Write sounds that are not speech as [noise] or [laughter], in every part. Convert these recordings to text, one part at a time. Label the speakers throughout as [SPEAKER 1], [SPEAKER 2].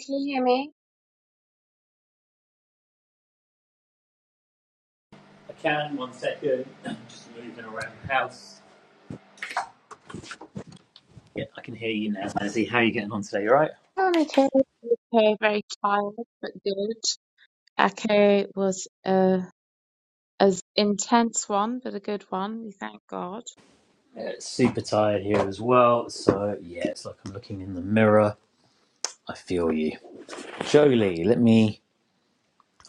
[SPEAKER 1] Can you hear me?
[SPEAKER 2] I can, one second. [clears throat] I'm Just moving around the house. Yeah, I can hear you now, Mazzy. How are you getting on today? You alright?
[SPEAKER 1] Oh, I'm okay. Okay, very tired, but good. Echo was a as intense one, but a good one. We thank God.
[SPEAKER 2] Yeah, it's super tired here as well. So, yeah, it's like I'm looking in the mirror. I feel you. Jolie, let me.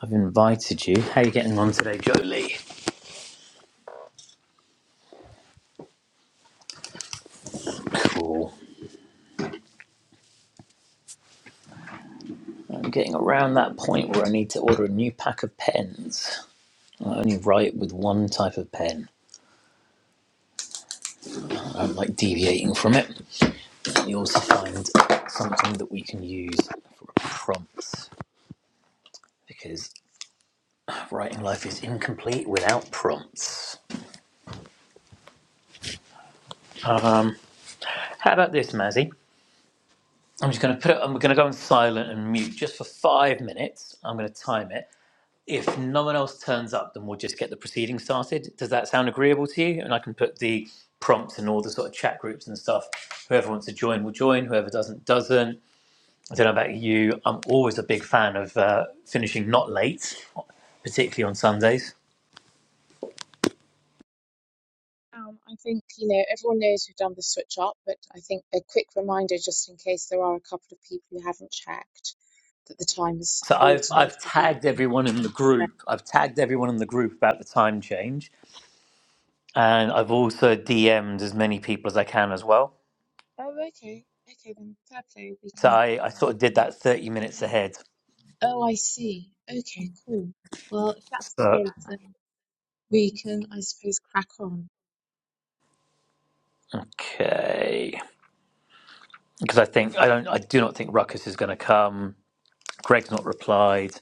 [SPEAKER 2] I've invited you. How are you getting on today, Jolie? Cool. I'm getting around that point where I need to order a new pack of pens. I only write with one type of pen. I'm like deviating from it. You also find something that we can use prompts because Writing life is incomplete without prompts. Um, how about this, Mazzy? I'm just going to put it. I'm going to go on silent and mute just for five minutes. I'm going to time it. If no one else turns up, then we'll just get the proceedings started. Does that sound agreeable to you? And I can put the prompts and all the sort of chat groups and stuff. Whoever wants to join will join. Whoever doesn't doesn't. I don't know about you. I'm always a big fan of uh, finishing not late, particularly on Sundays.
[SPEAKER 1] Um, I think you know everyone knows we've done the switch up, but I think a quick reminder, just in case there are a couple of people who haven't checked, that the time is
[SPEAKER 2] So I've
[SPEAKER 1] altered.
[SPEAKER 2] I've
[SPEAKER 1] Will be.
[SPEAKER 2] tagged everyone in the group. I've tagged everyone in the group about the time change, and I've also DM'd as many people as I can as well.
[SPEAKER 1] Oh, okay. Okay, then fair play. We
[SPEAKER 2] So
[SPEAKER 1] can.
[SPEAKER 2] I, I sort of did that thirty minutes ahead.
[SPEAKER 1] Oh, I see. Okay, cool. Well, if that's the
[SPEAKER 2] So
[SPEAKER 1] case, then we can, I suppose, crack on.
[SPEAKER 2] okay, because I think I don't I do not think Ruckus is going to come. Greg's not replied.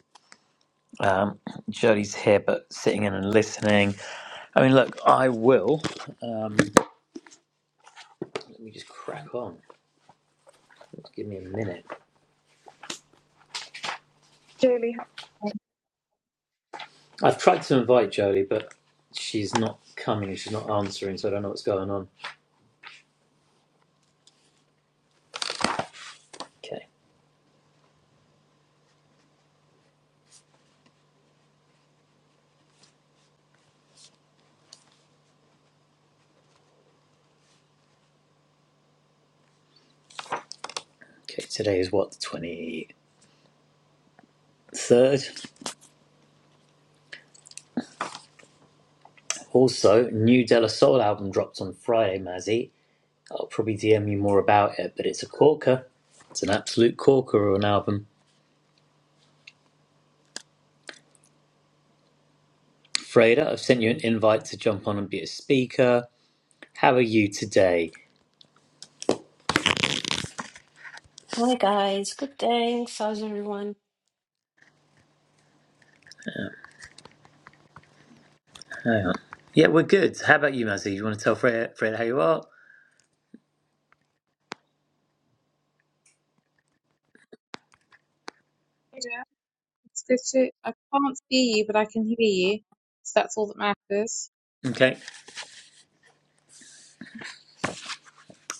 [SPEAKER 2] Um, Jody's here but sitting in and listening. I mean, look, I will. Um, let me just crack on. Give me a minute.
[SPEAKER 1] Julie, hi.
[SPEAKER 2] I've tried to invite Jodie, but she's not coming. She's not answering, so I don't know what's going on. Okay. Okay. Today is what the twenty third. Also, new De La Soul album dropped on Friday, Mazzy. I'll probably DM you more about it, but it's a corker. It's an absolute corker of an album. Freda, I've sent you an invite to jump on and be a speaker. How are you today?
[SPEAKER 3] Hi guys, good day. How's everyone?
[SPEAKER 2] Hang on. Yeah, we're good. How about you, Mazzy? You want to tell Freda, Freda how you are?
[SPEAKER 1] yeah, it's good to. I can't see you, but I can hear you, so that's all that matters.
[SPEAKER 2] Okay.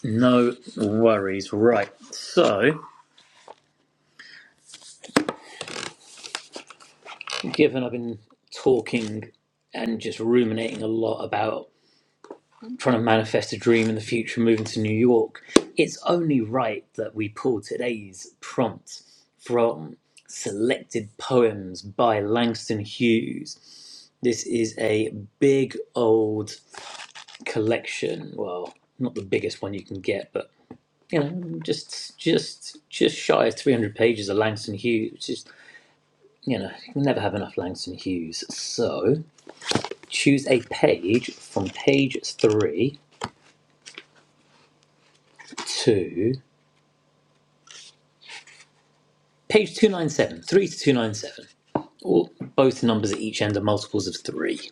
[SPEAKER 2] No worries. Right. So. given I've been talking and just ruminating a lot about trying to manifest a dream in the future, moving to New York, it's only right that we pull today's prompt from Selected Poems by Langston Hughes. This is a big old collection. Well, not the biggest one you can get, but you know, just just just shy of 300 pages of Langston Hughes, which is you know, you never have enough Langston Hughes. So, choose a page from page three to page 297, three to 297. All, both numbers at each end are multiples of three.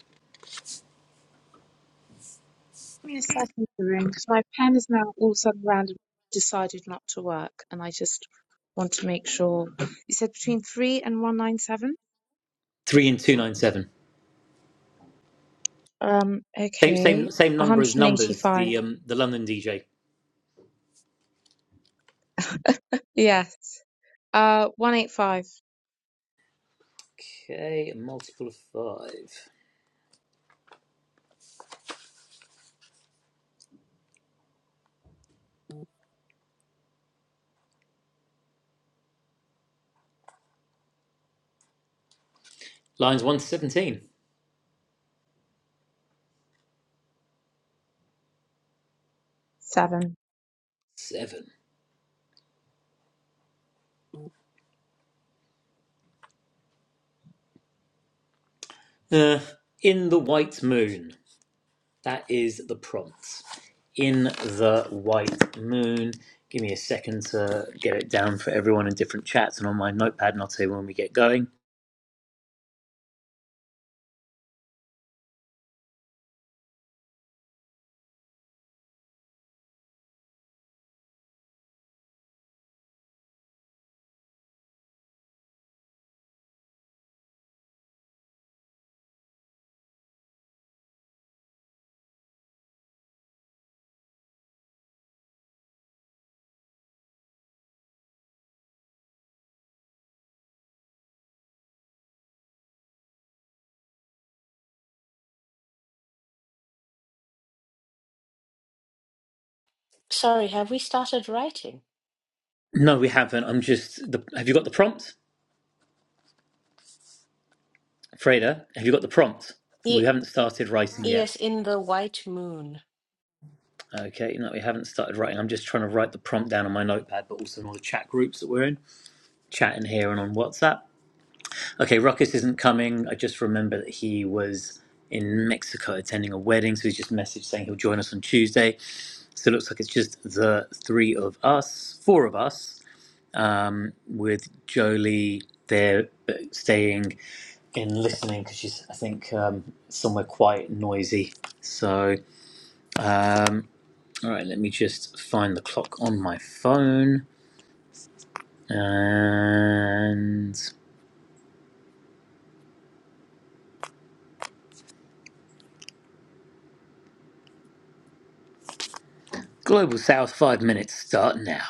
[SPEAKER 1] Give me a second, room, because my pen is now all of a sudden randomly decided not to work, and I just want to make sure. You said between three and one nine seven.
[SPEAKER 2] Three and 297.
[SPEAKER 1] Um.
[SPEAKER 2] Same,
[SPEAKER 1] Okay.
[SPEAKER 2] same, same
[SPEAKER 1] One
[SPEAKER 2] number as
[SPEAKER 1] hundred and
[SPEAKER 2] numbers,
[SPEAKER 1] eighty-five.
[SPEAKER 2] the, um, the London DJ.
[SPEAKER 1] Yes. Uh. One eight five
[SPEAKER 2] Okay, a multiple of five. Lines 1 to 17.
[SPEAKER 1] seven.
[SPEAKER 2] Seven. Uh, in the White Moon. That is the prompt in the white moon. Give me a second to get it down for everyone in different chats and on my notepad, and I'll tell you when we get going.
[SPEAKER 3] Sorry, have we started writing?
[SPEAKER 2] No, we haven't. I'm just. The, have you got the prompt, Freda? Have you got the prompt? We
[SPEAKER 3] Ye
[SPEAKER 2] haven't started writing yet.
[SPEAKER 3] yes, in the white moon.
[SPEAKER 2] Okay, no, we haven't started writing. I'm just trying to write the prompt down on my notepad, but also in all the chat groups that we're in, chat in here and on WhatsApp. Okay, Ruckus isn't coming. I just remember that he was in Mexico attending a wedding, so he's just messaged saying he'll join us on Tuesday. So it looks like it's just the three of us, four of us, um, with Jolie there uh, staying and listening because she's, I think, um, somewhere quiet and noisy. So, um, all right, let me just find the clock on my phone. And Global South, five minutes start now.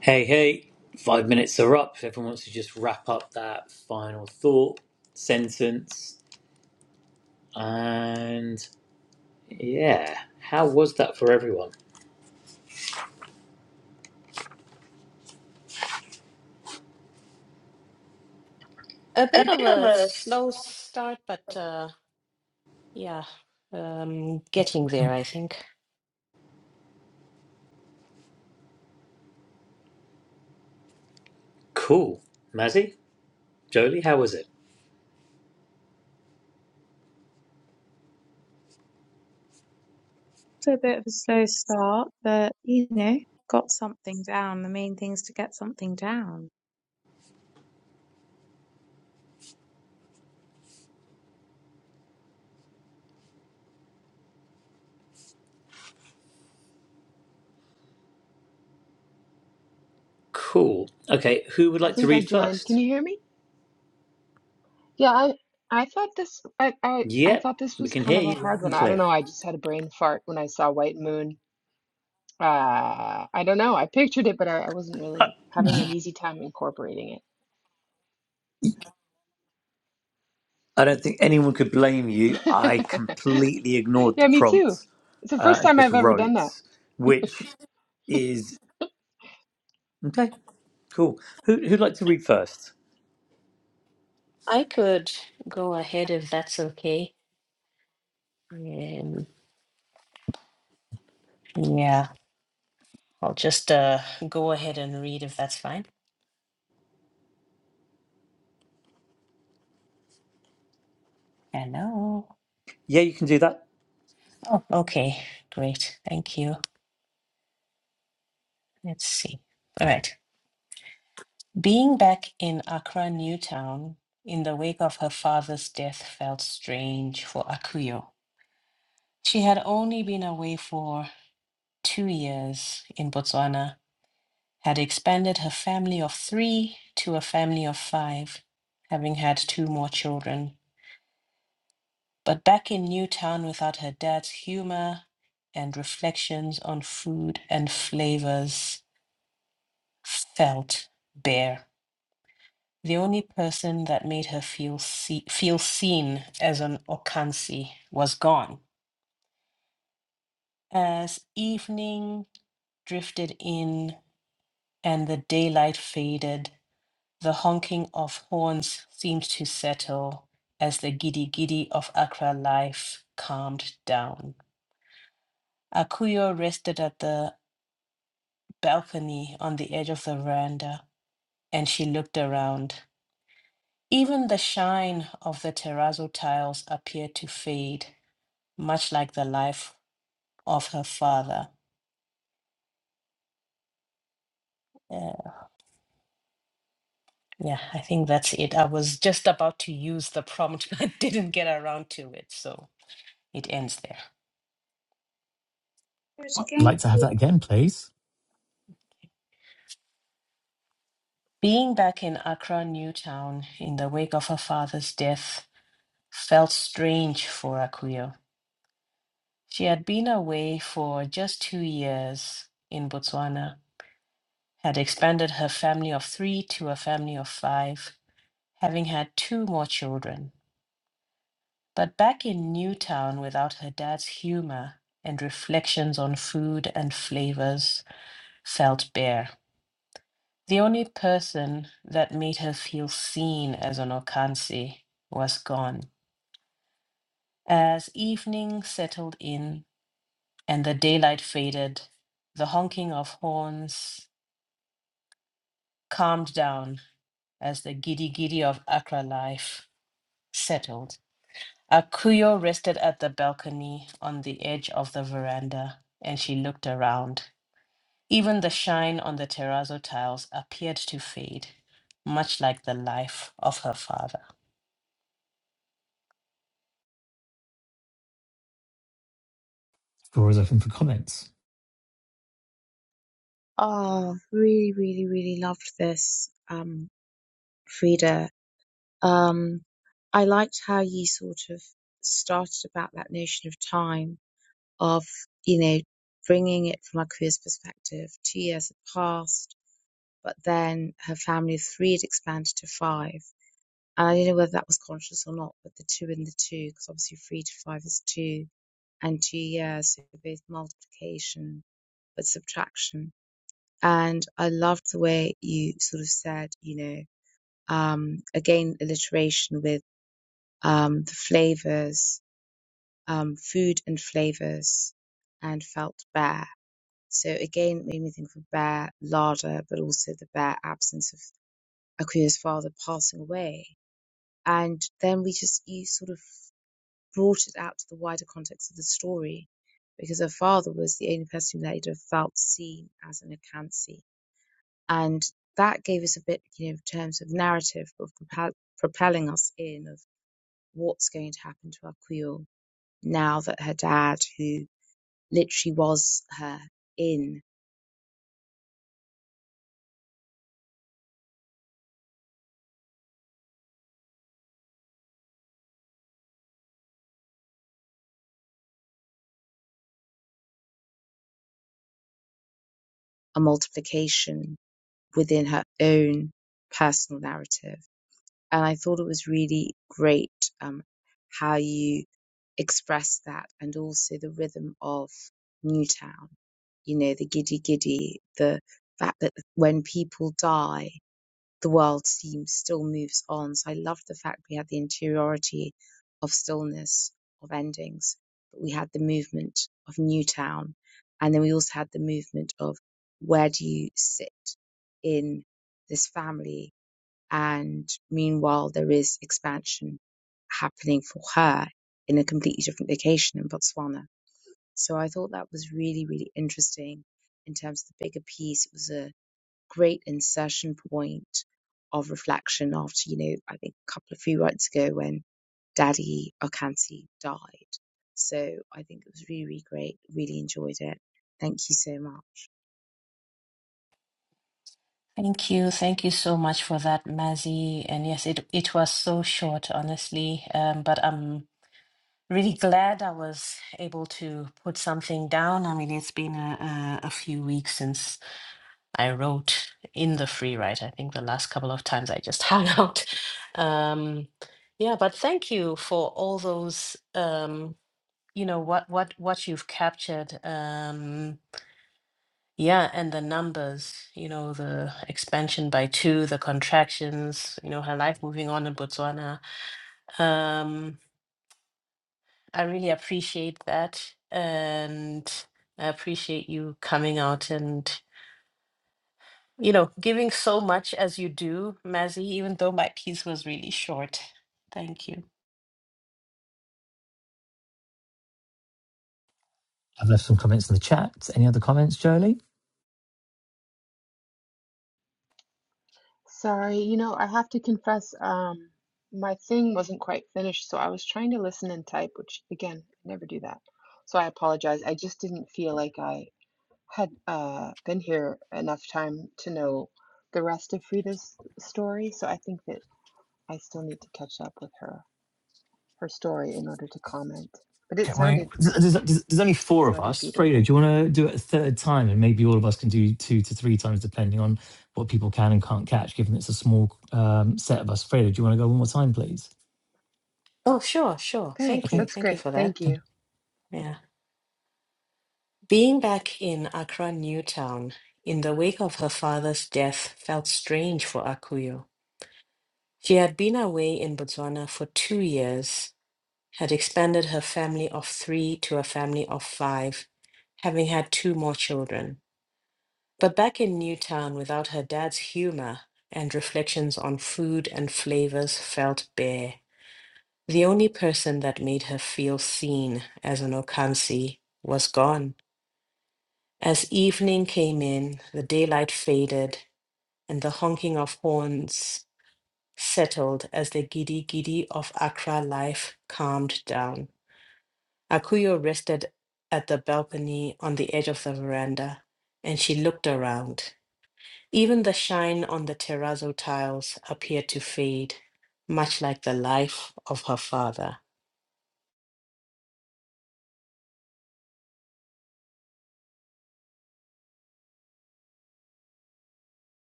[SPEAKER 2] Hey, hey, five minutes are up. If everyone wants to just wrap up that final thought, sentence, and. Yeah. How was that for everyone?
[SPEAKER 3] A bit of a slow start, but uh, yeah, um, getting there, I think.
[SPEAKER 2] Cool. Mazzy? Jolie, how was it?
[SPEAKER 1] It's a bit of a slow start, but you know, got something down. The main thing is to get something down.
[SPEAKER 2] Cool. Okay, who would
[SPEAKER 4] I
[SPEAKER 2] like to
[SPEAKER 4] think I
[SPEAKER 2] read
[SPEAKER 4] joined. Can
[SPEAKER 2] first?
[SPEAKER 4] you hear me? Yeah, I I thought this I, I I
[SPEAKER 2] Yep,
[SPEAKER 4] thought this
[SPEAKER 2] we
[SPEAKER 4] was
[SPEAKER 2] can
[SPEAKER 4] kind
[SPEAKER 2] hear
[SPEAKER 4] of
[SPEAKER 2] you
[SPEAKER 4] a hard
[SPEAKER 2] loud
[SPEAKER 4] one.
[SPEAKER 2] and
[SPEAKER 4] I don't
[SPEAKER 2] clear.
[SPEAKER 4] know. I just had a brain fart when I saw White Moon. Uh, I don't know. I pictured it, but I, I wasn't really having an easy time incorporating
[SPEAKER 2] I don't think anyone could blame you.
[SPEAKER 4] it.
[SPEAKER 2] I
[SPEAKER 4] [laughs]
[SPEAKER 2] completely ignored the
[SPEAKER 4] Yeah, me too.
[SPEAKER 2] prompt
[SPEAKER 4] It's the
[SPEAKER 2] uh,
[SPEAKER 4] first
[SPEAKER 2] and
[SPEAKER 4] time
[SPEAKER 2] just
[SPEAKER 4] I've ever done
[SPEAKER 2] wrote,
[SPEAKER 4] that.
[SPEAKER 2] which is okay, cool. Who, who'd like to read first?
[SPEAKER 3] I could go ahead if that's okay. Um, yeah, I'll just uh, go ahead and read if that's fine. Hello.
[SPEAKER 2] Yeah, you can do that.
[SPEAKER 3] Oh, okay, great. Thank you. Let's see. All right. Being back in Accra, Newtown, in the wake of her father's death felt strange for Akuyo. She had only been away for two years in Botswana, had expanded her family of three to a family of five, having had two more children. But back in Newtown without her dad's humor and reflections on food and flavors felt bare. The only person that made her feel see- feel seen as an Okansi was gone. As evening drifted in and the daylight faded, the honking of horns seemed to settle as the giddy giddy of Accra life calmed down. Akuyo rested at the balcony on the edge of the veranda and she looked around. Even the shine of the terrazzo tiles appeared to fade much like the life of her father. Uh, yeah, I think that's it. I was just about to use the prompt, [laughs] but didn't get around to it, so it ends there.
[SPEAKER 1] Do it
[SPEAKER 2] I'd like
[SPEAKER 1] again,
[SPEAKER 2] to have that again, please.
[SPEAKER 3] Being back in Accra, Newtown, in the wake of her father's death, felt strange for Akuyo. She had been away for just two years in Botswana, had expanded her family of three to a family of five, having had two more children. But back in Newtown without her dad's humor and reflections on food and flavors felt bare. The only person that made her feel seen as an Okansi was gone. As evening settled in and the daylight faded, the honking of horns calmed down as the giddy giddy of Accra life settled. Akuyo rested at the balcony on the edge of the veranda and she looked around. Even the shine on the terrazzo tiles appeared to fade, much like the life of her father.
[SPEAKER 2] Floor is open for comments.
[SPEAKER 1] Oh, really, really, really loved this, um, Frida. Um, I liked how you sort of started about that notion of time, of, you know, bringing it from a queer's perspective. Two years had passed, but then her family of three had expanded to five. And I don't know whether that was conscious or not, but the two and the two, because obviously three to five is two and two years, so both multiplication but subtraction. And I loved the way you sort of said, you know, um, again, alliteration with um, the flavors, um, food and flavors, and felt bare. So again, it made me think of bare larder, but also the bare absence of Akuya's father passing away. And then we just, you sort of brought it out to the wider context of the story because her father was the only person that he'd have felt seen as an Akansi and that gave us a bit, you know, in terms of narrative of propel- propelling us in of what's going to happen to our Creole now that her dad, who literally was her in a multiplication within her own personal narrative, and I thought it was really great um, how you expressed that, and also the rhythm of Newtown, you know, the giddy giddy, the fact that when people die the world seems still moves on. So I loved the fact we had the interiority of stillness, of endings, but we had the movement of Newtown. And then we also had the movement of where do you sit in this family? And meanwhile, there is expansion happening for her in a completely different location in Botswana. So I thought that was really, really interesting in terms of the bigger piece. It was a great insertion point of reflection after, you know, I think a couple of few months ago when Daddy Okansi died. So I think it was really, really great. Really enjoyed it. Thank you so much.
[SPEAKER 3] Thank you. Thank you so much for that, Mazzy. And yes, it, it was so short, honestly. Um, but I'm really glad I was able to put something down. I mean, it's been a, a, a few weeks since I wrote in the free write. I think the last couple of times I just hung [laughs] out. Um, yeah, but thank you for all those. Um, you know what what what you've captured um yeah and the numbers you know the expansion by two the contractions you know her life moving on in botswana um i really appreciate that and i appreciate you coming out and you know giving so much as you do mazzy even though my piece was really short thank you
[SPEAKER 2] I've left some comments in the chat. Any other comments, Jolie?
[SPEAKER 4] Sorry, you know, I have to confess, um, my thing wasn't quite finished, so I was trying to listen and type, which again, I never do that. So I apologize. I just didn't feel like I had uh, been here enough time to know the rest of Frida's story, so I think that I still need to catch up with her her story in order to comment. But it
[SPEAKER 2] Can we?
[SPEAKER 4] sounded
[SPEAKER 2] There's, there's, there's only four of
[SPEAKER 4] sounded
[SPEAKER 2] us. Fredo,
[SPEAKER 4] beautiful.
[SPEAKER 2] do you want to do it a third time, and maybe all of us can do two to three times, depending on what people can and can't catch, given it's a small um, set of us. Fredo, do you want to go one more time, please?
[SPEAKER 3] oh sure sure thank
[SPEAKER 4] Thanks.
[SPEAKER 2] Okay.
[SPEAKER 3] you
[SPEAKER 4] That's
[SPEAKER 3] thank you
[SPEAKER 4] great.
[SPEAKER 3] for that
[SPEAKER 4] Thank
[SPEAKER 2] okay.
[SPEAKER 4] you.
[SPEAKER 3] yeah Being back in Accra Newtown in the wake of her father's death felt strange for Akuyo. She had been away in Botswana for two years, had expanded her family of three to a family of five, having had two more children. But back in Newtown without her dad's humor and reflections on food and flavors felt bare. The only person that made her feel seen as an Okansi was gone. As evening came in, the daylight faded, and the honking of horns settled as the giddy giddy of Accra life calmed down. Akuyo rested at the balcony on the edge of the veranda, and she looked around. Even the shine on the terrazzo tiles appeared to fade, much like the life of her father.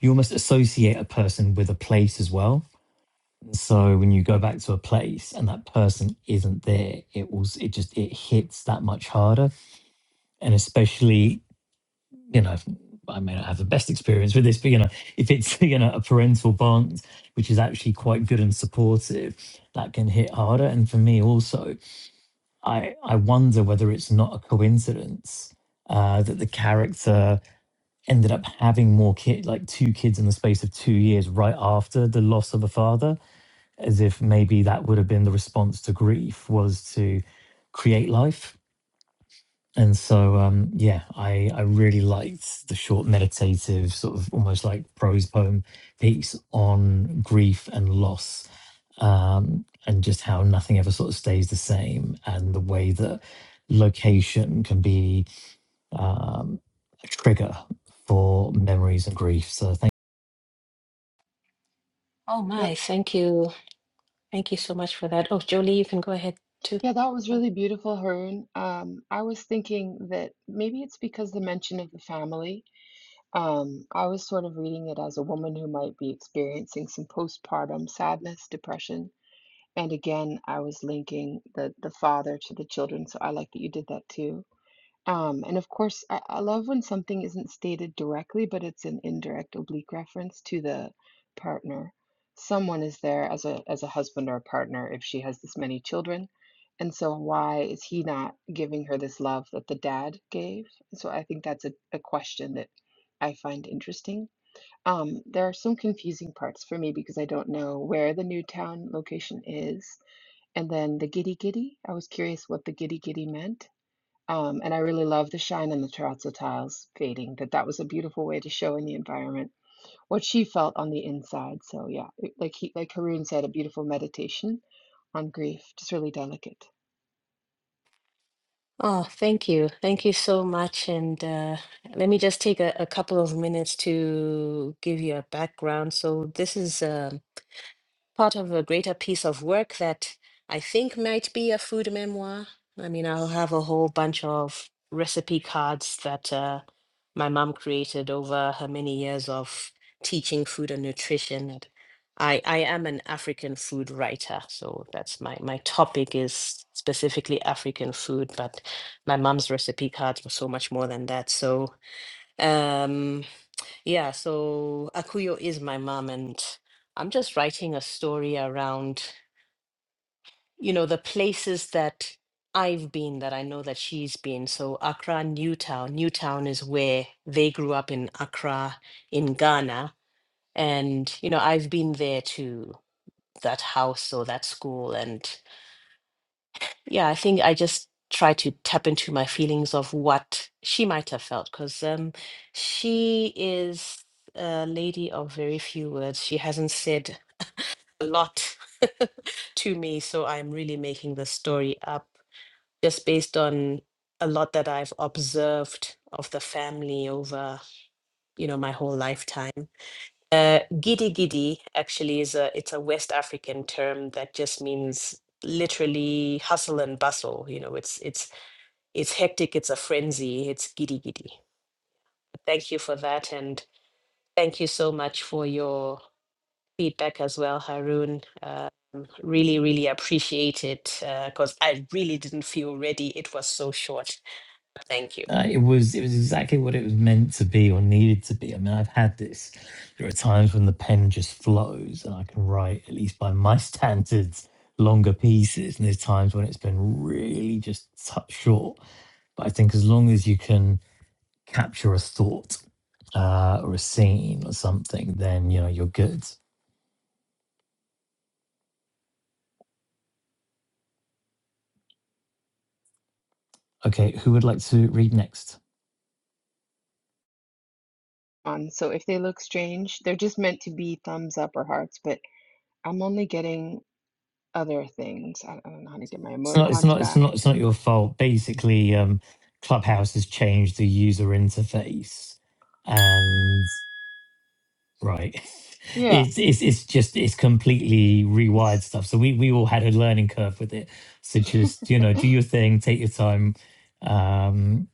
[SPEAKER 2] You almost associate a person with a place as well. So when you go back to a place and that person isn't there, it will it just it hits that much harder, and especially you know, I may not have the best experience with this, but you know, if it's [laughs] you know a parental bond which is actually quite good and supportive, that can hit harder. And for me also, I I wonder whether it's not a coincidence uh, that the character ended up having more kid, like two kids in the space of two years, right after the loss of a father, as if maybe that would have been the response to grief was to create life and so, um, yeah, I, I really liked the short meditative, sort of almost like prose poem piece on grief and loss, um, and just how nothing ever sort of stays the same, and the way that location can be um, a trigger for memories and grief. So, thank
[SPEAKER 3] Oh
[SPEAKER 4] That,
[SPEAKER 3] my, thank you. Thank you so much for that. Oh, Jolie, you can go ahead too.
[SPEAKER 4] yeah, that was really beautiful, Harun. Um, I was thinking that maybe it's because the mention of the family. Um, I was sort of reading it as a woman who might be experiencing some postpartum sadness, depression, And again, I was linking the the father to the children, so I like that you did that too. Um, and of course, I, I love when something isn't stated directly, but it's an indirect oblique reference to the partner. Someone is there as a as a husband or a partner if she has this many children. And so why is he not giving her this love that the dad gave? So I think that's a, a question that I find interesting. Um, there are some confusing parts for me because I don't know where the Newtown location is and then the Giddy Giddy, I was curious what the Giddy Giddy meant. Um, and I really love the shine on the terrazzo tiles fading, that that was a beautiful way to show in the environment what she felt on the inside. So yeah, it- like he, like Haroon said, a beautiful meditation on grief, just really delicate.
[SPEAKER 3] Oh, thank you. Thank you so much. And uh, let me just take a, a couple of minutes to give you a background. So, this is um, part of a greater piece of work that I think might be a food memoir. I mean, I'll have a whole bunch of recipe cards that uh, my mom created over her many years of teaching food and nutrition. And I, I am an African food writer, so that's my, my topic is specifically African food, but my mom's recipe cards were so much more than that. So, um. Yeah, so Akuyo is my mom, and I'm just writing a story around, you know, the places that I've been that I know that she's been. So Accra, Newtown. Newtown is where they grew up in Accra, in Ghana. And, you know, I've been there to that house or that school. And Yeah, I think I just try to tap into my feelings of what she might have felt because um, she is a lady of very few words. She hasn't said a lot [laughs] to me, so I'm really making the story up just based on a lot that I've observed of the family over, you know, my whole lifetime. Uh, giddy giddy actually is a it's a West African term that just means literally hustle and bustle. You know, it's it's it's hectic, it's a frenzy, it's giddy giddy. Thank you for that, and thank you so much for your feedback as well, Haroon. Um, really, really appreciate it because I really didn't feel ready. It was so short. Thank you.
[SPEAKER 2] Uh, it was it was exactly what it was meant to be or needed to be. I mean, I've had this. There are times when the pen just flows, and I can write, at least by my [laughs] standards, longer pieces. And there's times when it's been really just cut short. But I think as long as you can capture a thought uh, or a scene or something, then you know you're good. Okay, who would like to read next?
[SPEAKER 4] Um, so if they look strange, they're just meant to be thumbs up or hearts, but I'm only getting other things. I I don't know how to get my
[SPEAKER 2] It's not. It's
[SPEAKER 4] emoticons
[SPEAKER 2] not. It's
[SPEAKER 4] back.
[SPEAKER 2] not. It's not your fault. Basically, um, Clubhouse has changed the user interface, and Right. [laughs]
[SPEAKER 4] Yeah,
[SPEAKER 2] It's it's it's just it's completely rewired
[SPEAKER 4] it's
[SPEAKER 2] stuff. So we we all had a learning curve with it. So
[SPEAKER 4] [laughs]
[SPEAKER 2] just you know, do your thing, take your time. Um,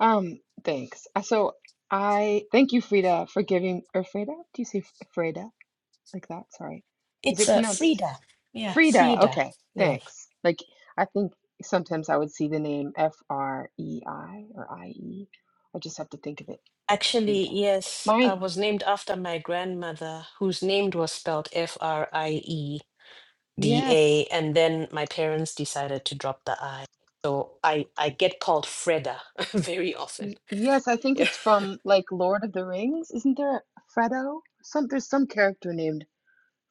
[SPEAKER 4] Um, thanks. Uh, So I thank you, Frida, for giving or Frida? Do you say F- Frida like that? Sorry. Is
[SPEAKER 3] It's
[SPEAKER 4] it
[SPEAKER 3] uh,
[SPEAKER 4] pronounced
[SPEAKER 3] Frida. Yeah,
[SPEAKER 4] Frida?
[SPEAKER 3] Frida.
[SPEAKER 4] Okay,
[SPEAKER 3] Yeah.
[SPEAKER 4] thanks. Like I think sometimes I would see the name F R E I or I E. I just have to think of it
[SPEAKER 3] Actually,
[SPEAKER 4] Frida.
[SPEAKER 3] yes,
[SPEAKER 4] Mine,
[SPEAKER 3] I was named after my grandmother, whose name was spelled F R I E. the
[SPEAKER 4] yes.
[SPEAKER 3] A, and then my parents decided to drop the I. So I I get called Freda [laughs] very often.
[SPEAKER 4] Y- yes, I think
[SPEAKER 3] Yeah.
[SPEAKER 4] it's from like Lord of the Rings. Isn't there Frodo? Some there's some character named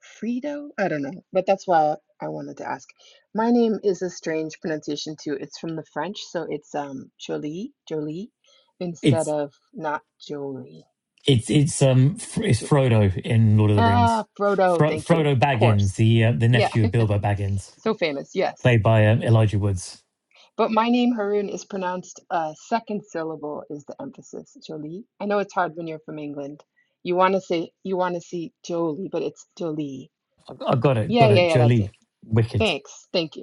[SPEAKER 4] Frito? I don't know, but that's why I wanted to ask. My name is a strange pronunciation too. It's from the French, so it's um Jolie, Jolie, instead
[SPEAKER 2] it's
[SPEAKER 4] of not Jolie.
[SPEAKER 2] it's it's um Fr- it's
[SPEAKER 4] So-
[SPEAKER 2] Frodo in Lord of the Rings.
[SPEAKER 4] ah, Frodo,
[SPEAKER 2] Fro-
[SPEAKER 4] thank you.
[SPEAKER 2] Frodo
[SPEAKER 4] Of
[SPEAKER 2] Baggins,
[SPEAKER 4] course.
[SPEAKER 2] the uh, the
[SPEAKER 4] Yeah,
[SPEAKER 2] nephew of Bilbo Baggins,
[SPEAKER 4] [laughs] so famous, yes.
[SPEAKER 2] played by um, Elijah Woods.
[SPEAKER 4] But my name, Haroon, is pronounced uh, second syllable is the emphasis, Jolie. I know it's hard when you're from England. You want to say, you want to see Jolie, but it's Jolie.
[SPEAKER 2] I got it,
[SPEAKER 4] Yeah,
[SPEAKER 2] got
[SPEAKER 4] yeah,
[SPEAKER 2] it.
[SPEAKER 4] yeah, that's
[SPEAKER 2] Jolie,
[SPEAKER 4] it.
[SPEAKER 2] wicked
[SPEAKER 4] Thanks. Thank you.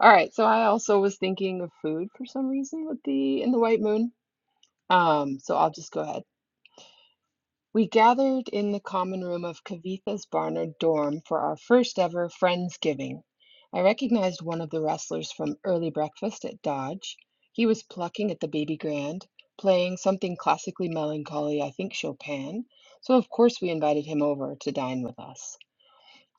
[SPEAKER 4] All right, so I also was thinking of food for some reason with the in the White Moon. Um, so I'll just go ahead. We gathered in the common room of Kavitha's Barnard dorm for our first ever Friendsgiving. I recognized one of the wrestlers from early breakfast at Dodge. He was plucking at the baby grand, playing something classically melancholy, I think Chopin. So of course we invited him over to dine with us.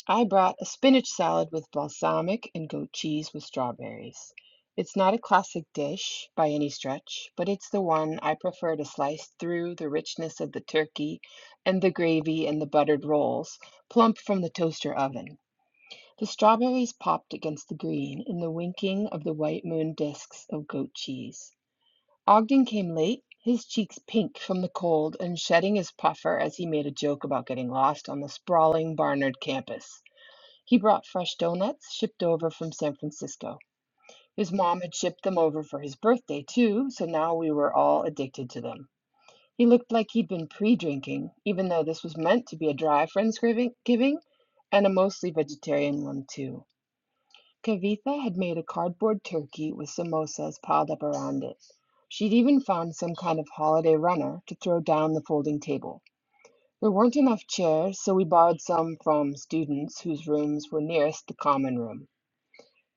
[SPEAKER 4] I brought a spinach salad with balsamic and goat cheese with strawberries. It's not a classic dish by any stretch, but it's the one I prefer to slice through the richness of the turkey and the gravy and the buttered rolls, plump from the toaster oven. The strawberries popped against the green in the winking of the white moon discs of goat cheese. Ogden came late, his cheeks pink from the cold and shedding his puffer as he made a joke about getting lost on the sprawling Barnard campus. He brought fresh donuts, shipped over from San Francisco. His mom had shipped them over for his birthday, too, so now we were all addicted to them. He looked like he'd been pre-drinking, even though this was meant to be a dry Friendsgiving and a mostly vegetarian one, too. Kavitha had made a cardboard turkey with samosas piled up around it. She'd even found some kind of holiday runner to throw down the folding table. There weren't enough chairs, so we borrowed some from students whose rooms were nearest the common room.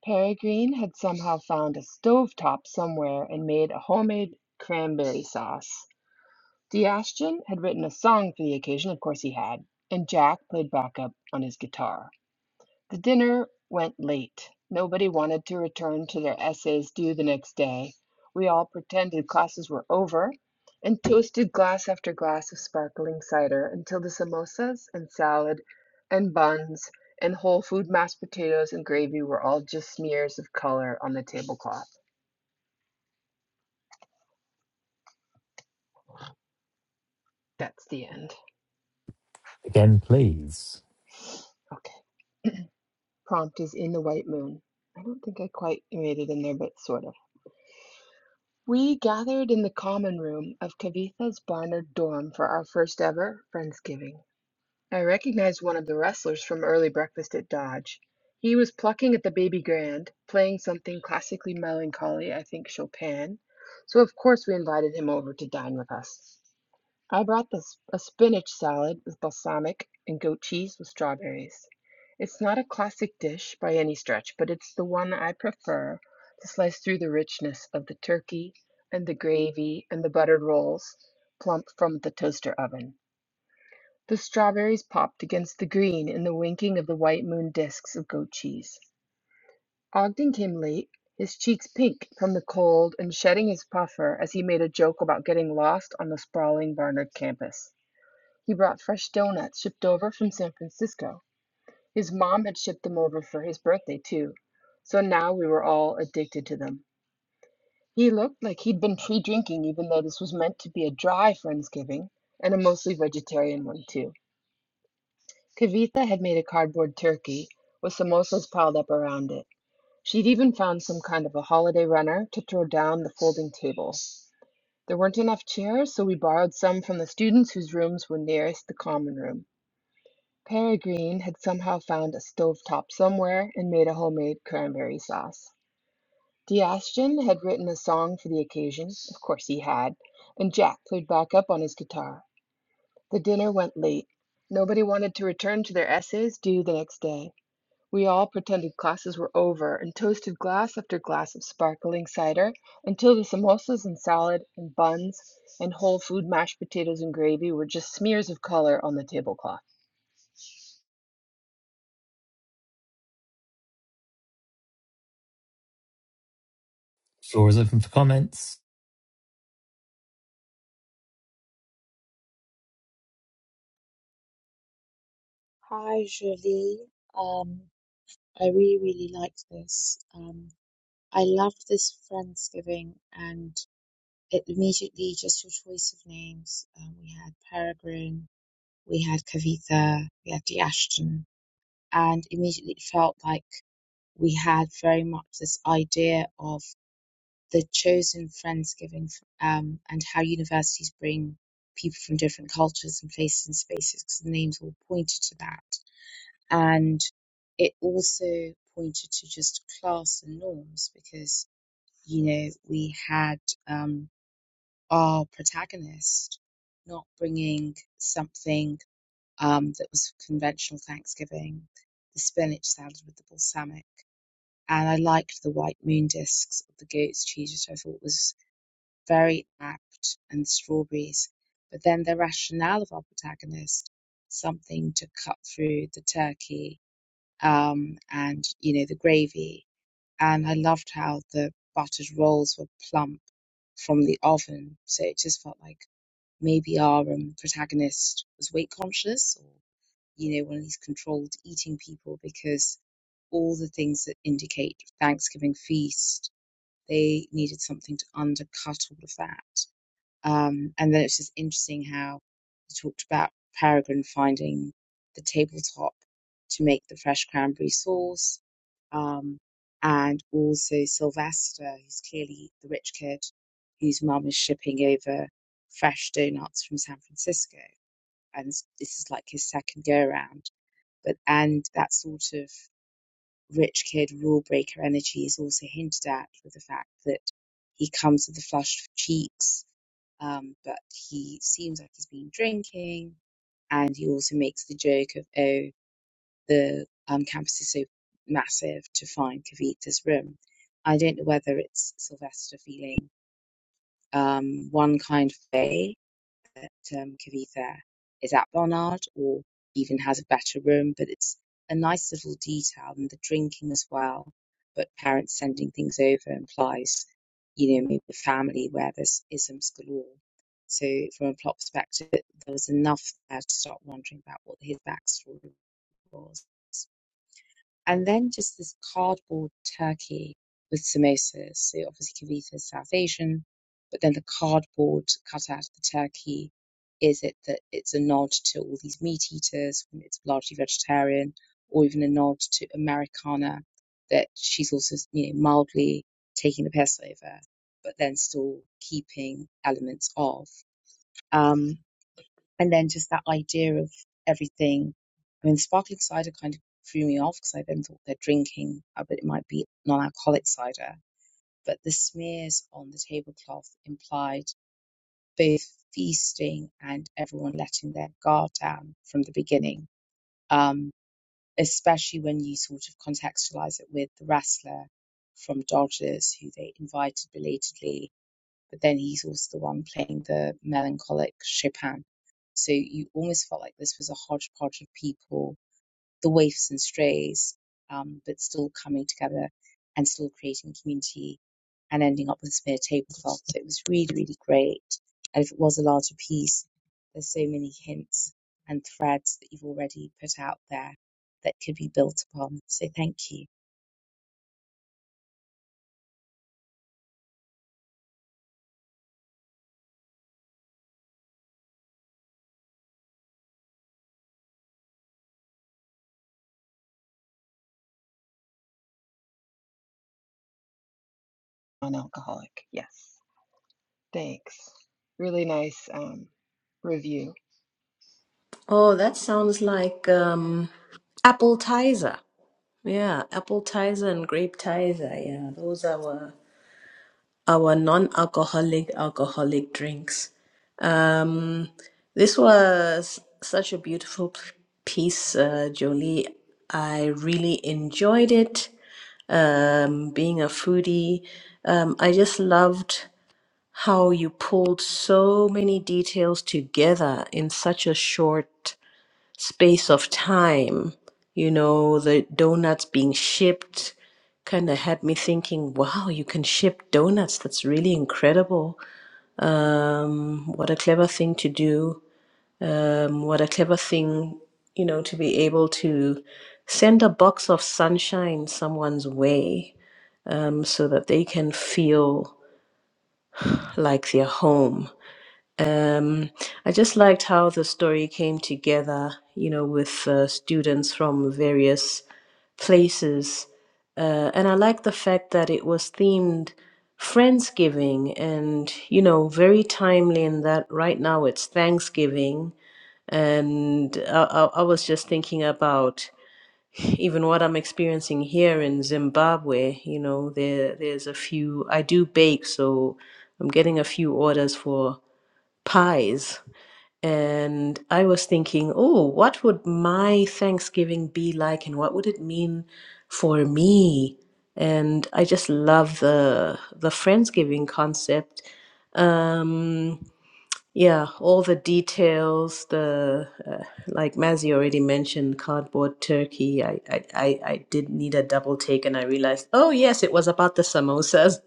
[SPEAKER 4] Peregrine had somehow found a stovetop somewhere and made a homemade cranberry sauce. Sebastian had written a song for the occasion, of course he had, and Jack played backup on his guitar. The dinner went late. Nobody wanted to return to their essays due the next day. We all pretended classes were over and toasted glass after glass of sparkling cider until the samosas and salad and buns and whole food mashed potatoes and gravy were all just smears of color on the tablecloth. That's the end.
[SPEAKER 2] again, please.
[SPEAKER 4] Okay. Prompt is in the white moon. I don't think I quite made it in there, but sort of. We gathered in the common room of Kavitha's Barnard dorm for our first ever Friendsgiving. I recognized one of the wrestlers from early breakfast at Dodge. He was plucking at the baby grand, playing something classically melancholy, I think Chopin. So, of course, we invited him over to dine with us. I brought this a spinach salad with balsamic and goat cheese with strawberries. It's not a classic dish by any stretch, but it's the one I prefer to slice through the richness of the turkey and the gravy and the buttered rolls plump from the toaster oven. The strawberries popped against the green in the winking of the white moon discs of goat cheese. Ogden came late, his cheeks pink from the cold and shedding his puffer as he made a joke about getting lost on the sprawling Barnard campus. He brought fresh donuts shipped over from San Francisco. His mom had shipped them over for his birthday, too. So now we were all addicted to them. He looked like he'd been pre drinking, even though this was meant to be a dry Friendsgiving and a mostly vegetarian one, too. Kavitha had made a cardboard turkey with samosas piled up around it. She'd even found some kind of a holiday runner to throw down the folding table. There weren't enough chairs, so we borrowed some from the students whose rooms were nearest the common room. Peregrine had somehow found a stovetop somewhere and made a homemade cranberry sauce. D'Ashton had written a song for the occasion of course he had and Jack played backup on his guitar. The dinner went late. Nobody wanted to return to their essays due the next day. We all pretended classes were over and toasted glass after glass of sparkling cider until the samosas and salad and buns and whole food mashed potatoes and gravy were just smears of color on the tablecloth.
[SPEAKER 2] Floor is open for comments.
[SPEAKER 1] Hi, Julie. Um, I really, really liked this. Um, I loved this Friendsgiving and it immediately just your choice of names. Um, we had Peregrine, we had Kavitha, we had Deashton, and immediately it felt like we had very much this idea of the chosen friendsgiving um, and how universities bring people from different cultures and places and spaces because the names all pointed to that and it also pointed to just class and norms because you know we had um, our protagonist not bringing something um, that was conventional thanksgiving the spinach salad with the balsamic and I liked the white moon discs of the goat's cheese, which I thought was very apt, and strawberries. But then the rationale of our protagonist, something to cut through the turkey, um, and you know the gravy, and I loved how the buttered rolls were plump from the oven, so it just felt like maybe our um, protagonist was weight conscious, or you know one of these controlled eating people, because all the things that indicate Thanksgiving feast they needed something to undercut all of that. Um, and then it's just interesting how you talked about Peregrine finding the tabletop to make the fresh cranberry sauce, um, and also Sylvester, who's clearly the rich kid whose mum is shipping over fresh donuts from San Francisco. And this is like his second go around. But and that sort of rich kid rule breaker energy is also hinted at with the fact that he comes with the flushed cheeks, um, but he seems like he's been drinking, and he also makes the joke of, oh, the um, campus is so massive to find Kavita's room. I don't know whether it's Sylvester feeling um, one kind of way that um, Kavitha is at Barnard or even has a better room, but it's a nice little detail and the drinking as well. But parents sending things over implies, you know, maybe a family where there's isms galore. So from a plot perspective, there was enough there to start wondering about what his backstory was and then just this cardboard turkey with samosas. So you obviously kavita is South Asian, but then the cardboard cut out of the turkey is it that it's a nod to all these meat eaters when it's largely vegetarian, or even a nod to Americana that she's also you know mildly taking the piss over, but then still keeping elements of. Um, and then just that idea of everything. I mean, sparkling cider kind of threw me off because I then thought they're drinking, uh, but it might be non-alcoholic cider. But the smears on the tablecloth implied both feasting and everyone letting their guard down from the beginning. Um, especially when you sort of contextualize it with the wrestler from Dodgers, who they invited belatedly but then he's also the one playing the melancholic Chopin. So you almost felt like this was a hodgepodge of people, the waifs and strays, um, but still coming together and still creating community and ending up with smear tablecloth. So it was really, really great. And if it was a larger piece, there's so many hints and threads that you've already put out there that could be built upon. So thank you.
[SPEAKER 4] non-alcoholic. Yes. Thanks. Really nice um, review.
[SPEAKER 3] Oh, that sounds like um, appetizer. Yeah, appetizer and grape tizer. Yeah, those are our, our non-alcoholic alcoholic drinks. Um, this was such a beautiful p- piece, uh, Jolie. I really enjoyed it. um, being a foodie. Um, I just loved how you pulled so many details together in such a short space of time. You know, the donuts being shipped kind of had me thinking, wow, you can ship donuts. That's really incredible. Um, what a clever thing to do. Um, what a clever thing, you know, to be able to send a box of sunshine someone's way um, so that they can feel like they're home. Um, I just liked how the story came together, you know, with uh, students from various places. Uh, and I like the fact that it was themed Friendsgiving and, you know, very timely in that right now it's Thanksgiving. And I, I, I was just thinking about even what I'm experiencing here in Zimbabwe, you know, there there's a few I do bake, so I'm getting a few orders for pies. And I was thinking, oh, what would my Thanksgiving be like and what would it mean for me? And I just love the the Friendsgiving concept. Um yeah, all the details, the uh, like Mazzy already mentioned, cardboard turkey. I, I, I, I did need a double take and I realized, oh yes, it was about the samosas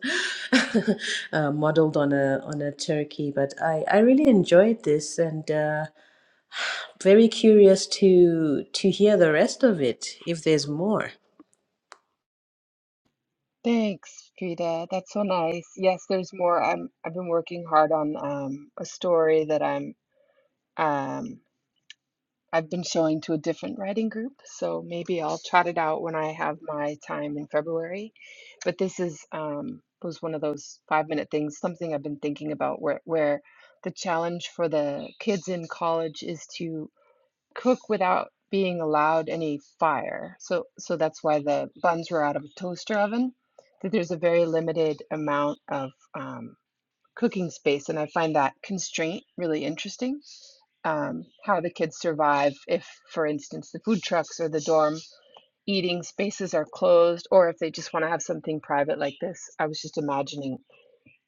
[SPEAKER 3] [laughs] uh, modeled on a on a turkey. But I, I really enjoyed this and uh, very curious to to hear the rest of it if there's more.
[SPEAKER 4] Thanks, Frida. That's so nice. Yes, there's more. I'm I've been working hard on um, a story that I'm um, I've been showing to a different writing group, so maybe I'll trot it out when I have my time in February. But this is um, was one of those five minute things, something I've been thinking about where where the challenge for the kids in college is to cook without being allowed any fire. So so that's why the buns were out of a toaster oven, that there's a very limited amount of um, cooking space. And I find that constraint really interesting. Um, how the kids survive if, for instance, the food trucks or the dorm eating spaces are closed, or if they just want to have something private like this. I was just imagining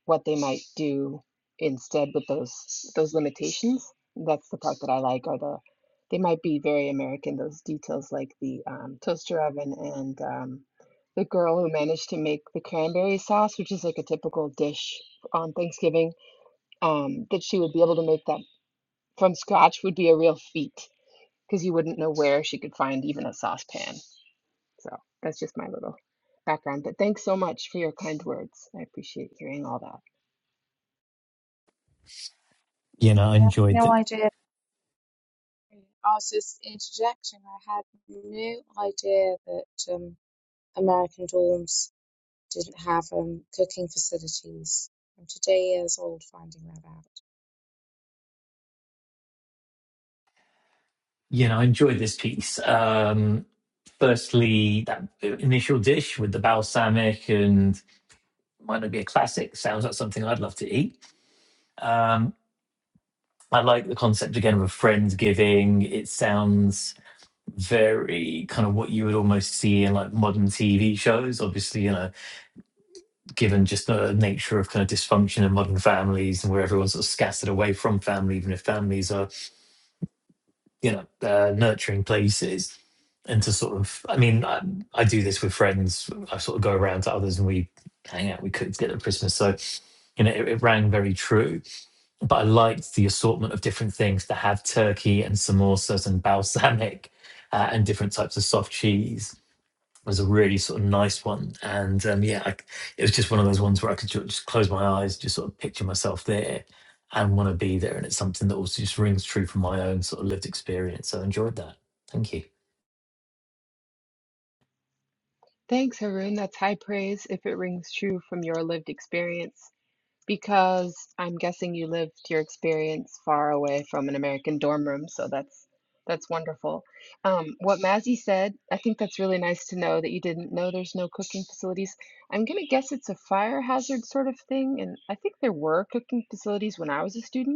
[SPEAKER 4] what they might do instead with those those limitations. That's the part that I like are the they might be very American, those details like the um, toaster oven and um, the girl who managed to make the cranberry sauce, which is like a typical dish on Thanksgiving, um, that she would be able to make that from scratch would be a real feat because you wouldn't know where she could find even a saucepan. So that's just my little background. But thanks so much for your kind words. I appreciate hearing all that.
[SPEAKER 2] You know, I
[SPEAKER 1] Yeah,
[SPEAKER 2] enjoyed
[SPEAKER 1] no
[SPEAKER 2] it.
[SPEAKER 1] idea. I was just interjecting. I had no idea that um, American dorms didn't have um, cooking facilities. I'm today years old finding that out.
[SPEAKER 2] You know, I enjoyed this piece. Um, Firstly, that initial dish with the balsamic and might not be a classic. Sounds like something I'd love to eat. Um, I like the concept again of a friendsgiving. It sounds very kind of what you would almost see in like modern TV shows. Obviously, you know, given just the nature of kind of dysfunction in modern families and where everyone's sort of scattered away from family, even if families are you know uh, nurturing places and to sort of i mean I, I do this with friends i sort of go around to others and we hang out we cook together at christmas so you know it, it rang very true but i liked the assortment of different things to have turkey and samosas and balsamic uh, and different types of soft cheese was a really sort of nice one. And um, yeah, I, it was just one of those ones where I could ju- just close my eyes, just sort of picture myself there and want to be there. And it's something that also just rings true from my own sort of lived experience. So I enjoyed that. Thank you.
[SPEAKER 4] Thanks, Haroon. That's high praise if it rings true from your lived experience, because I'm guessing you lived your experience far away from an American dorm room, so that's that's wonderful. Um, what Mazzy said, I think that's really nice to know that you didn't know there's no cooking facilities. I'm gonna guess it's a fire hazard sort of thing, and I think there were cooking facilities when I was a student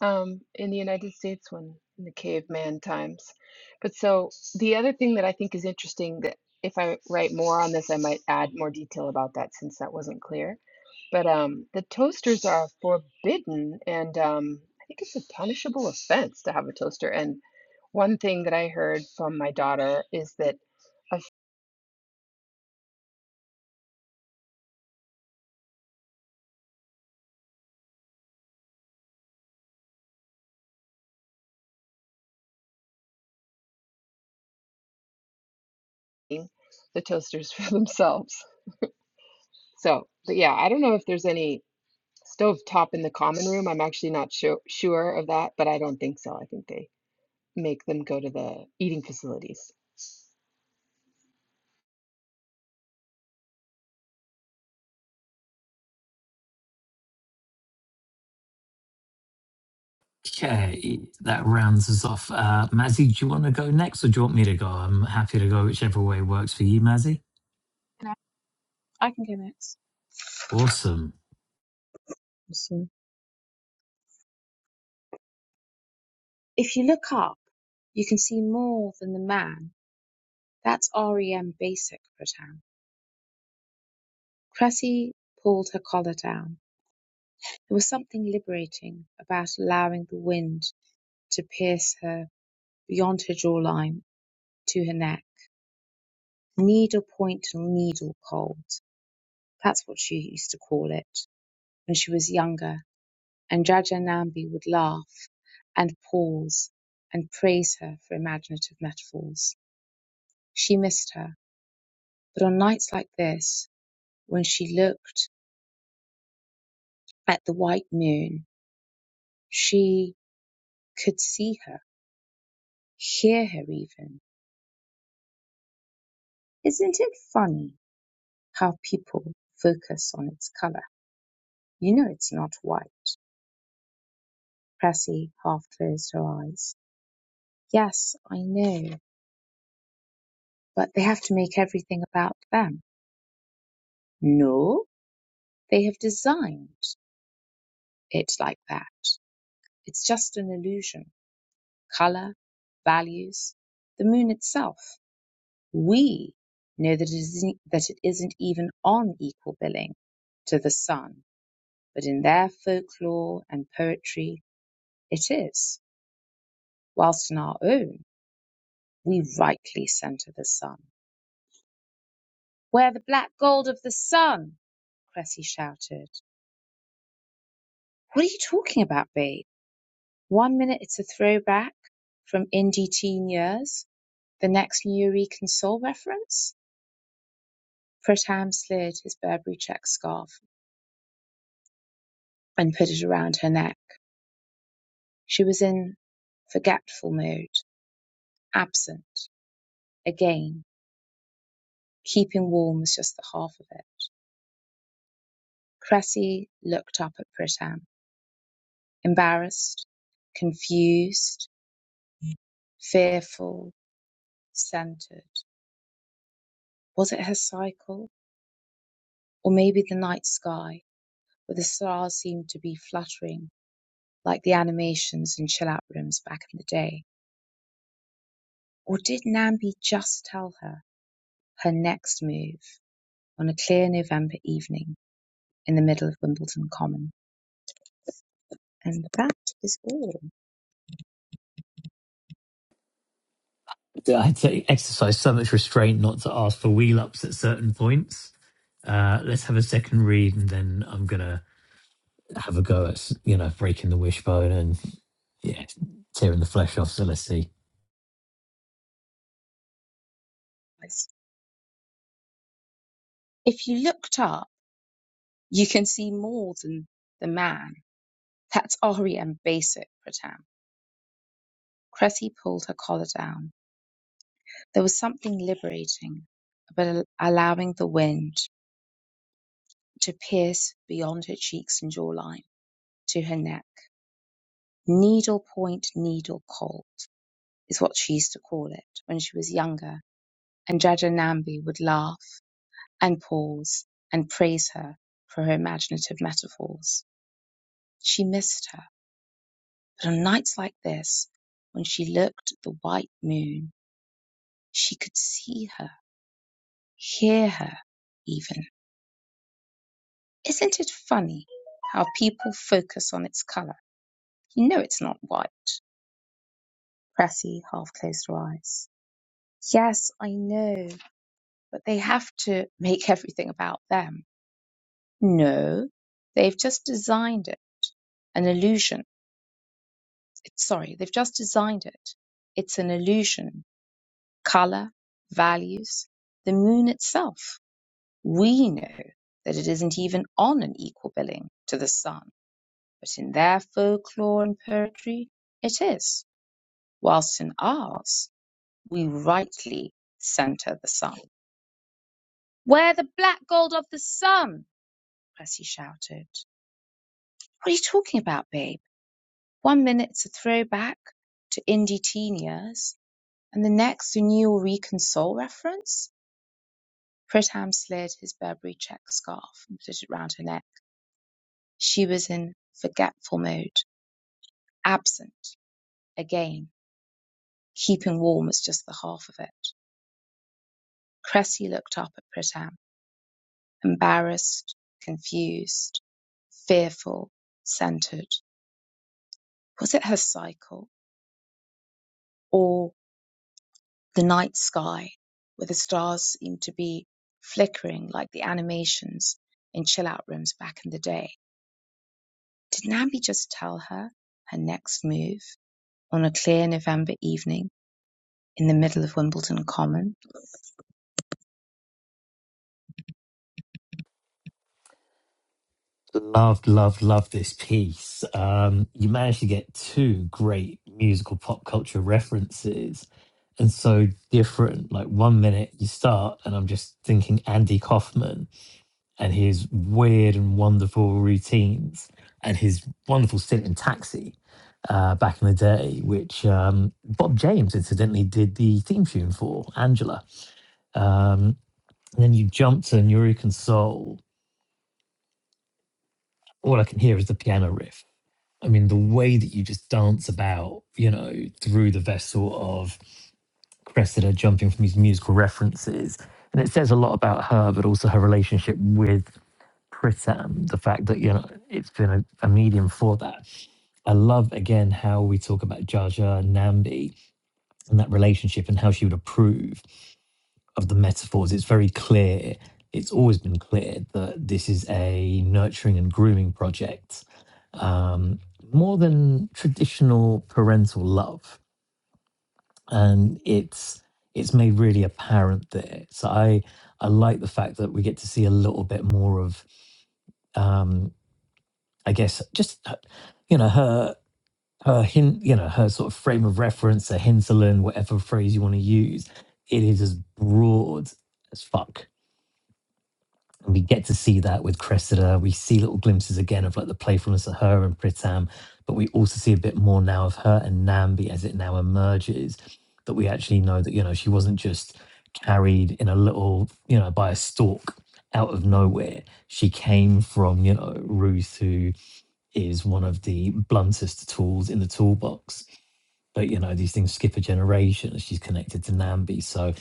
[SPEAKER 4] um, in the United States when in the caveman times. But so the other thing that I think is interesting that if I write more on this, I might add more detail about that since that wasn't clear. But um, the toasters are forbidden, and um, I think it's a punishable offense to have a toaster. And one thing that I heard from my daughter is that of feeding the toasters [laughs] for themselves. So, but yeah, I don't know if there's any. Stovetop in the common room. I'm actually not sure sure of that, but I don't think so. I think they make them go to the eating facilities.
[SPEAKER 2] Okay, that rounds us off. Uh, Mazzy, do you want to go next or do you want me to go? I'm happy to go whichever way works for you, Mazzy.
[SPEAKER 1] Can I, I can go next.
[SPEAKER 2] Awesome.
[SPEAKER 1] Awesome. If you look up, you can see more than the man. That's REM basic, Pritam. Cressy pulled her collar down. There was something liberating about allowing the wind to pierce her beyond her jawline to her neck. needlepoint needle cold. That's what she used to call it when she was younger, and Jajanambi would laugh and pause and praise her for imaginative metaphors. She missed her, but on nights like this, when she looked at the white moon, she could see her, hear her even. Isn't it funny how people focus on its colour? You know it's not white. Cressy half closed her eyes. Yes, I know, but they have to make everything about them. No, they have designed it like that. It's just an illusion. Color, values, the moon itself. We know that it isn't, that it isn't even on equal billing to the sun, but in their folklore and poetry, it is. Whilst in our own, we rightly centre the sun. We're the black gold of the sun, Cressy shouted. What are you talking about, babe? One minute it's a throwback from indie teen years, the next Eureka and Soul reference. Pritam slid his Burberry check scarf and put it around her neck. She was in forgetful mode, absent. Again, keeping warm was just the half of it. Cressy looked up at Pritam, embarrassed, confused, fearful, centered. Was it her cycle? Or maybe the night sky? but the stars seemed to be fluttering like the animations in chill out rooms back in the day. Or did Nambi just tell her her next move on a clear November evening in the middle of Wimbledon Common? And that is all.
[SPEAKER 2] I take exercise so much restraint not to ask for wheel ups at certain points. Uh, let's have a second read and then I'm going to have a go at s- you know breaking the wishbone and yeah tearing the flesh off Celestia.
[SPEAKER 1] If you looked up, you can see more than the man. That's REM basic, Pratam. Cressy pulled her collar down. There was something liberating about allowing the wind to pierce beyond her cheeks and jawline to her neck. Needle point, needle cold is what she used to call it when she was younger, and Jajanambi would laugh and pause and praise her for her imaginative metaphors. She missed her, but on nights like this, when she looked at the white moon, she could see her, hear her even. Isn't it funny how people focus on its color? You know it's not white. Cressy half closed her eyes. Yes, I know, but they have to make [laughs] everything about them. No, they've just designed it an illusion. It's, sorry, they've just designed it. It's an illusion. Color, values, the moon itself. We know that it isn't even on an equal billing to the sun But in their folklore and poetry it is, whilst in ours we rightly centre the sun. Where the black gold of the sun? Cressy shouted. What are you talking about, babe? One minute it's a throwback to indie teen years, and the next a new Eureka soul reference? Pritam slid his Burberry check scarf and put it round her neck. She was in forgetful mode, absent, again. Keeping warm was just the half of it. Cressy looked up at Pritam, embarrassed, confused, fearful, centered. Was it her cycle or the night sky where the stars seemed to be flickering like the animations in chill out rooms back in the day? Did Nambi just tell her her next move on a clear November evening in the middle of Wimbledon Common?
[SPEAKER 2] Loved, loved, loved this piece. Um, you managed to get two great musical pop culture references and so different. Like one minute you start and I'm just thinking Andy Kaufman and his weird and wonderful routines and his wonderful stint in Taxi uh, back in the day, which um, Bob James incidentally did the theme tune for Angela. Um, And then you jump to Neurocan Soul. All I can hear is the piano riff. I mean, the way that you just dance about, you know, through the vessel of Cressida jumping from these musical references. And it says a lot about her, but also her relationship with Pritam, the fact that, you know, it's been a, a medium for that. I love again how we talk about Jaja and Nambi and that relationship and how she would approve. of the metaphors, it's very clear. It's always been clear that this is a nurturing and grooming project, um, more than traditional parental love, and it's it's made really apparent there. So I I like the fact that we get to see a little bit more of, um, I guess, just uh, you know her her hint, you know her sort of frame of reference, her hinterland, whatever phrase you want to use. It is as broad as fuck And we get to see that with Cressida. We see little glimpses again of like the playfulness of her and Pritam, but we also see a bit more now of her and Nambi as it now emerges that we actually know that, you know, she wasn't just carried in a little, you know, by a stalk out of nowhere. She came from, you know, Ruth, who is one of the bluntest tools in the toolbox but you know, these things skip a generation. She's connected to Nambi, so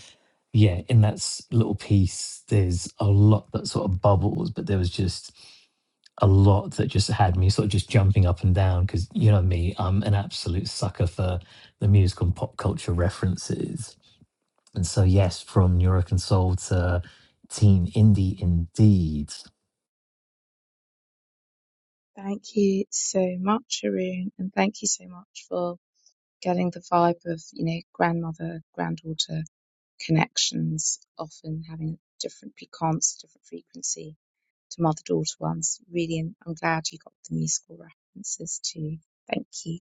[SPEAKER 2] yeah, in that s- little piece, there's a lot that sort of bubbles, but there was just a lot that just had me sort of just jumping up and down because you know me, I'm an absolute sucker for the musical and pop culture references. And so, yes, from Neuroconsole to Teen Indie, indeed.
[SPEAKER 1] Thank you so much, Haroon, and thank you so much for getting the vibe of, you know, grandmother, granddaughter connections, often having different piquance, different frequency to mother daughter ones. Really, and I'm glad you got the musical references too. Thank you.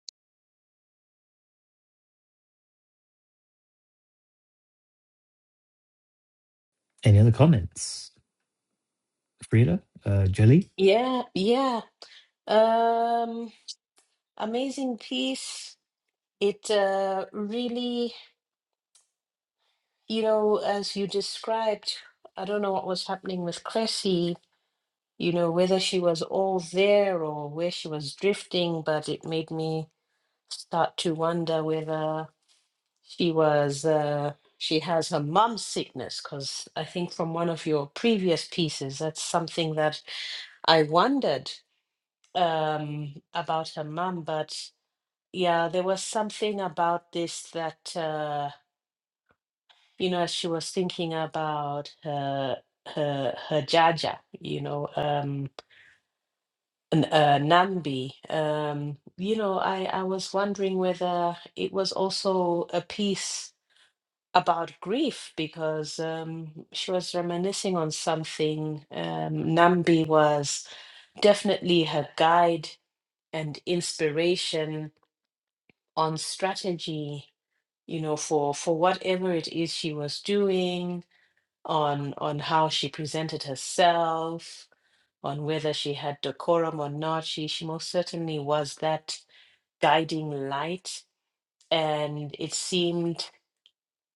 [SPEAKER 2] Any other comments, Frida, uh, Jelly?
[SPEAKER 3] Yeah, yeah. Um, amazing piece. It uh, really. You know, as you described, I don't know what was happening with Cressy, you know, whether she was all there or where she was drifting, but it made me start to wonder whether she was uh, she has her mum's sickness, because I think from one of your previous pieces, that's something that I wondered um, about her mum, but yeah, there was something about this that. Uh, you know, as she was thinking about her her her Jaja, you know, um, n- uh, Nambi. Um, you know, I I was wondering whether it was also a piece about grief because um, she was reminiscing on something. Um, Nambi was definitely her guide and inspiration on strategy, you know, for for whatever it is she was doing on on how she presented herself, on whether she had decorum or not. She she most certainly was that guiding light, and it seemed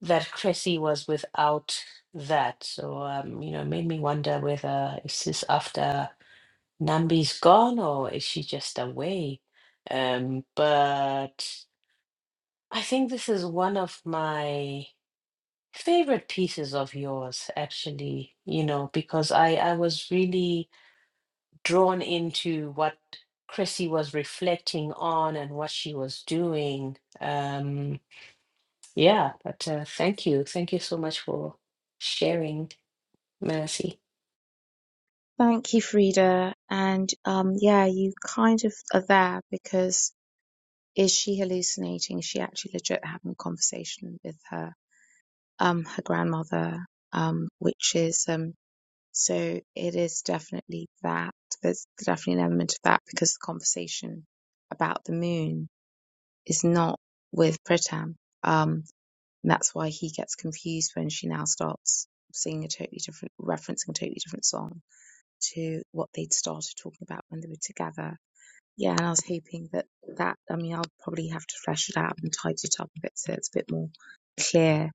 [SPEAKER 3] that Cressy was without that. So um, you know, it made me wonder whether is this after Nambi's gone or is she just away? Um, but I think this is one of my favorite pieces of yours actually you know because i i was really drawn into what Chrissy was reflecting on and what she was doing. Um, yeah, but uh, thank you. Thank you so much for sharing, Mercy.
[SPEAKER 1] Thank you, Frida. And um, yeah, you kind of are there because is she hallucinating? Is she actually legit having a conversation with her, um, her grandmother, um, which is um, So it is definitely that. There's definitely an element of that because the conversation about the moon is not with Pritam. Um, and that's why he gets confused when she now starts singing a totally different, referencing a totally different song to what they'd started talking about when they were together. Yeah, and I was hoping that that, I mean, I'll probably have to flesh it out and tidy it up a bit so it's a bit more clear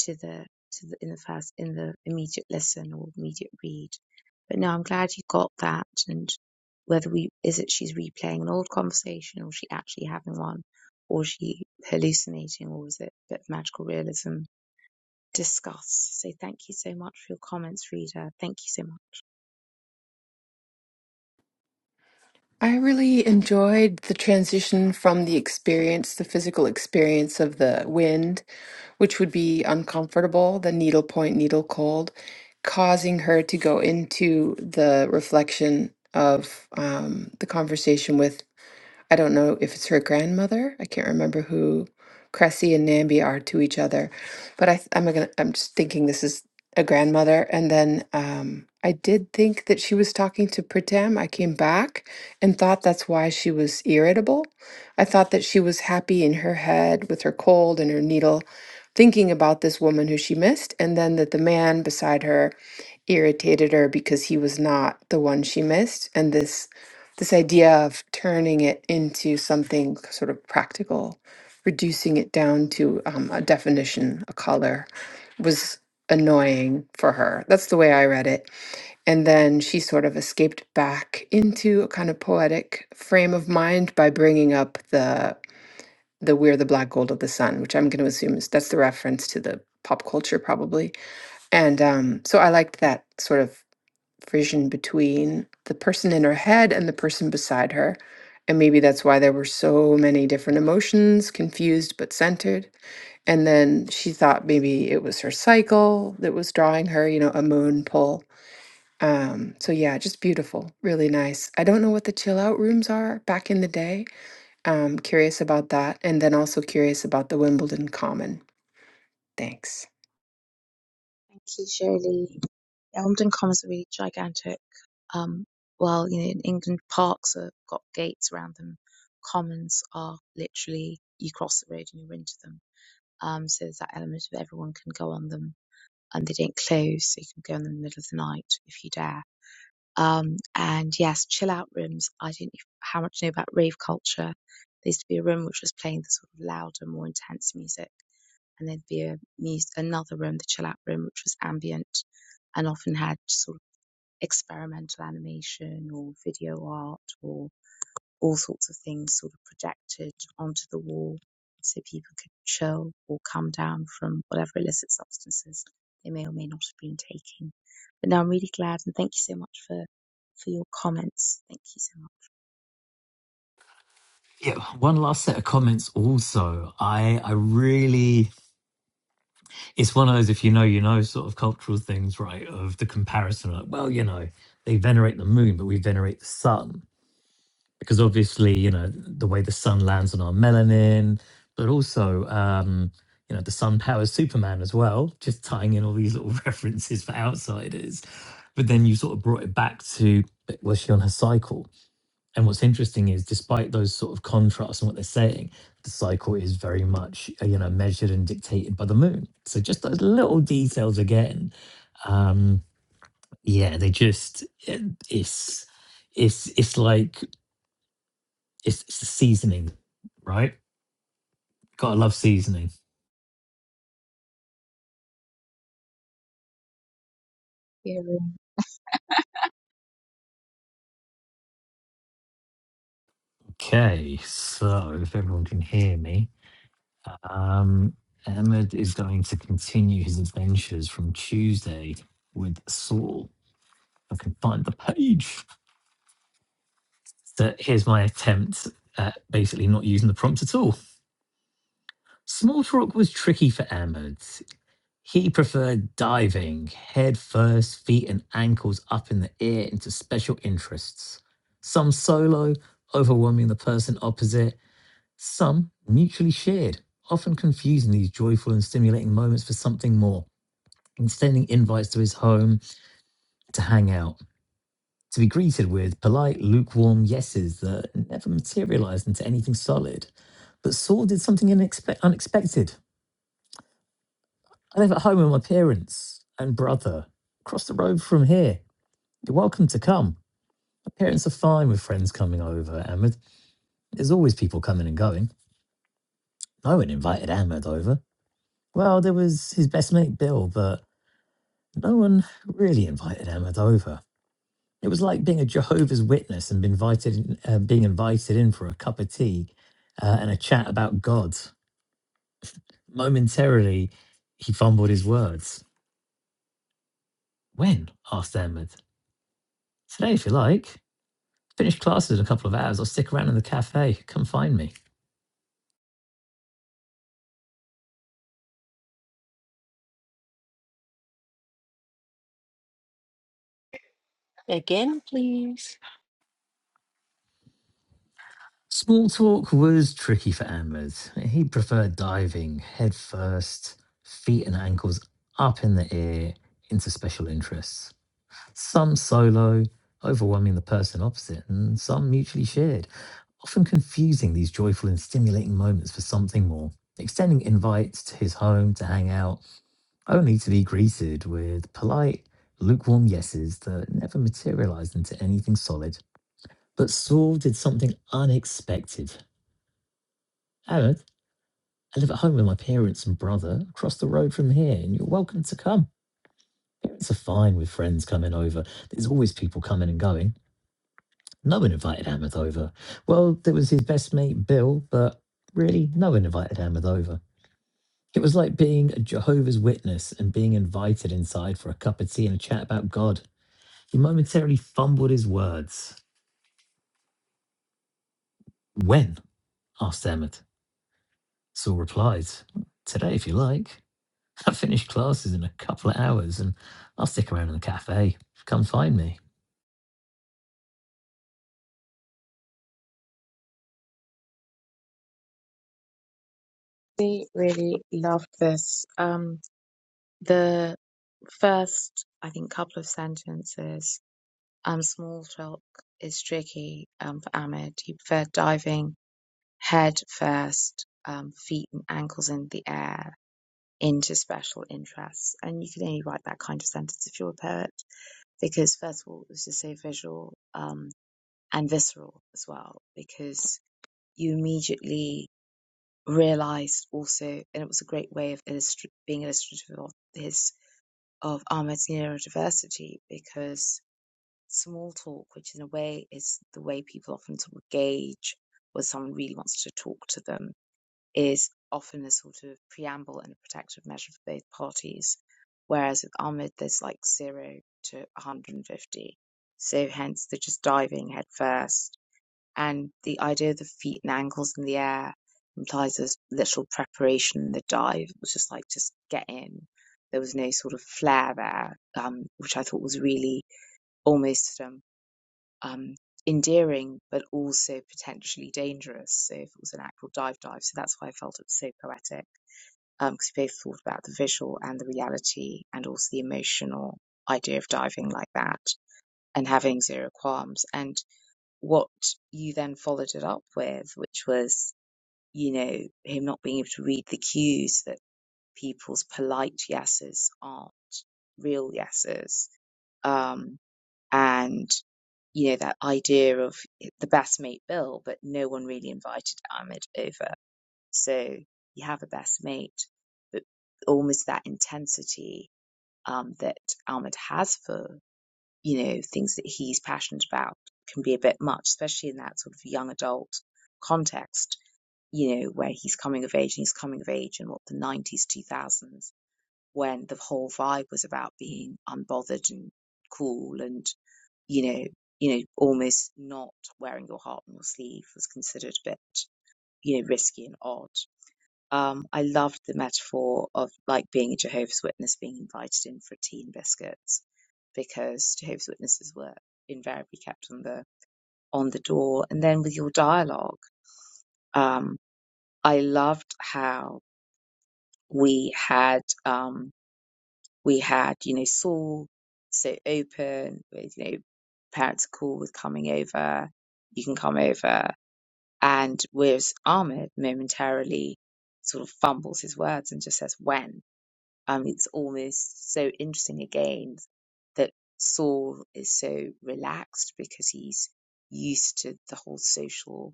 [SPEAKER 1] to the to the in the first in the immediate listen or immediate read. But no, I'm glad you got that and whether we is it she's replaying an old conversation or she actually having one or she hallucinating or is it a bit of magical realism discuss. So thank you so much for your comments, reader. Thank you so much.
[SPEAKER 4] I really enjoyed the transition from the experience, the physical experience of the wind, which would be uncomfortable, the needle point, needle cold, causing her to go into the reflection of um, the conversation with. I don't know if it's her grandmother. I can't remember who Cressy and Nambi are to each other, but I, th- I'm gonna, I'm just thinking this is a grandmother. And then um, I did think that she was talking to Pritam. I came back and thought that's why she was irritable. I thought that she was happy in her head with her cold and her needle, thinking about this woman who she missed, and then that the man beside her irritated her because he was not the one she missed and this this idea of turning it into something sort of practical reducing it down to um, a definition a color was annoying for her that's the way i read it and then she sort of escaped back into a kind of poetic frame of mind by bringing up the the we're the black gold of the sun which i'm going to assume is that's the reference to the pop culture probably and um, so I liked that sort of friction between the person in her head and the person beside her. And maybe that's why there were so many different emotions, confused but centered. And then she thought maybe it was her cycle that was drawing her, you know, a moon pull. Um, so yeah, just beautiful, really nice. I don't know what the chill out rooms are back in the day. Um, curious about that, and then also curious about the Wimbledon Common. Thanks.
[SPEAKER 1] Thank you, Shirley. Elmdon Commons are really gigantic. Um, while you know in England parks have got gates around them, commons are literally you cross the road and you're into them. Um, so there's that element of everyone can go on them, and they don't close, so you can go in the middle of the night if you dare. Um, and yes, chill out rooms. I don't know how much you know about rave culture. There used to be a room which was playing the sort of louder, more intense music, and there'd be a mus another room, the chill out room, which was ambient and often had sort of experimental animation or video art or all sorts of things sort of projected onto the wall so people could chill or come down from whatever illicit substances they may or may not have been taking. But no, I'm really glad and thank you so much for, for your comments. Thank you so much.
[SPEAKER 2] Yeah, one last set of comments. Also, I I really it's one of those if you know you know sort of cultural things right of the comparison like well you know they venerate the moon but we venerate the sun because obviously you know the way the sun lands on our melanin but also um you know the sun powers superman as well just tying in all these little [laughs] references for outsiders but then you sort of brought it back to was she on her cycle and what's interesting is, despite those sort of contrasts and what they're saying, the cycle is very much uh, you know measured and dictated by the moon. So just those little details again, um, yeah, they just it, it's it's it's like it's, it's the seasoning, right? Gotta love seasoning.
[SPEAKER 1] Yeah,
[SPEAKER 2] Okay, so if everyone can hear me, um, Ahmed is going to continue his adventures from Tuesday with Saul. If I can find the page. that here's my attempt at basically not using the prompt at all. Small talk was tricky for Ahmed. He preferred diving, head first, feet and ankles up in the air into special interests. Some solo, overwhelming the person opposite, some mutually shared, often confusing these joyful and stimulating moments for something more, and sending invites to his home to hang out, to be greeted with polite, lukewarm yeses that never materialized into anything solid. But Saul did something inexpe- unexpected. I live at home with my parents and brother, across the road from here. You're welcome to come. My parents are fine with friends coming over, Ahmed. There's always people coming and going. No one invited Ahmed over. Well, there was his best mate Bill, but no one really invited Ahmed over. It was like being a Jehovah's Witness and being invited, in- uh, being invited in for a cup of tea uh, and a chat about God. Momentarily, he fumbled his words. When? asked Ahmed. Today, if you like, finish classes in a couple of hours or stick around in the cafe. Come find me.
[SPEAKER 3] Again, please.
[SPEAKER 2] Small talk was tricky for Ahmed. He preferred diving head first, feet and ankles up in the air into special interests. Some solo, overwhelming the person opposite, and some mutually shared, often confusing these joyful and stimulating moments for something more. Extending invites to his home to hang out, only to be greeted with polite, lukewarm yeses that never materialized into anything solid. But Saul did something unexpected. Aaron, I live at home with my parents and brother across the road from here, and you're welcome to come. Parents are fine with friends coming over. There's always people coming and going. No one invited Ahmed over. Well, there was his best mate, Bill, but really, no one invited Ahmed over. It was like being a Jehovah's Witness and being invited inside for a cup of tea and a chat about God. He momentarily fumbled his words. When? asked Emmett. Saul replied, Today, if you like. I finished classes in a couple of hours and I'll stick around in the cafe. Come find me.
[SPEAKER 1] really, really loved this. Um, the first, I think, couple of sentences. Um, small talk is tricky. Um, for Ahmed, he preferred diving head first, um, feet and ankles in the air into special interests. And you can only write that kind of sentence if you're a poet, because first of all, it's just so visual um, and visceral as well, because you immediately realized also, and it was a great way of illustri- being illustrative of his of Ahmed's neurodiversity, because small talk, which in a way is the way people often sort of gauge whether someone really wants to talk to them is often a sort of preamble and a protective measure for both parties. Whereas with Ahmed, there's like zero to 150. So hence they're just diving headfirst. And the idea of the feet and ankles in the air implies there's literal preparation in the dive. It was just like, just get in. There was no sort of flair there, um, which I thought was really almost um, um, endearing but also potentially dangerous. So if it was an actual dive dive, so that's why I felt it was so poetic because we both thought about the visual and the reality and also the emotional idea of diving like that and having zero qualms. And what you then followed it up with, which was you know him not being able to read the cues that people's polite yeses aren't real yeses. Um, and you know, that idea of the best mate bill, but no one really invited Ahmed over. So you have a best mate, but almost that intensity um, that Ahmed has for, you know, things that he's passionate about can be a bit much, especially in that sort of young adult context, you know, where he's coming of age and he's coming of age in what the 90s, 2000s, when the whole vibe was about being unbothered and cool and you know, you know, almost not wearing your heart on your sleeve was considered a bit, you know, risky and odd. Um, I loved the metaphor of like being a Jehovah's Witness being invited in for tea and biscuits because Jehovah's Witnesses were invariably kept on the on the door. And then with your dialogue, um, I loved how we had um, we had, you know, Saul so open with, you know, parents are cool with coming over you can come over. And whereas Ahmed momentarily sort of fumbles his words and just says, when? Um, it's almost so interesting again that Saul is so relaxed because he's used to the whole social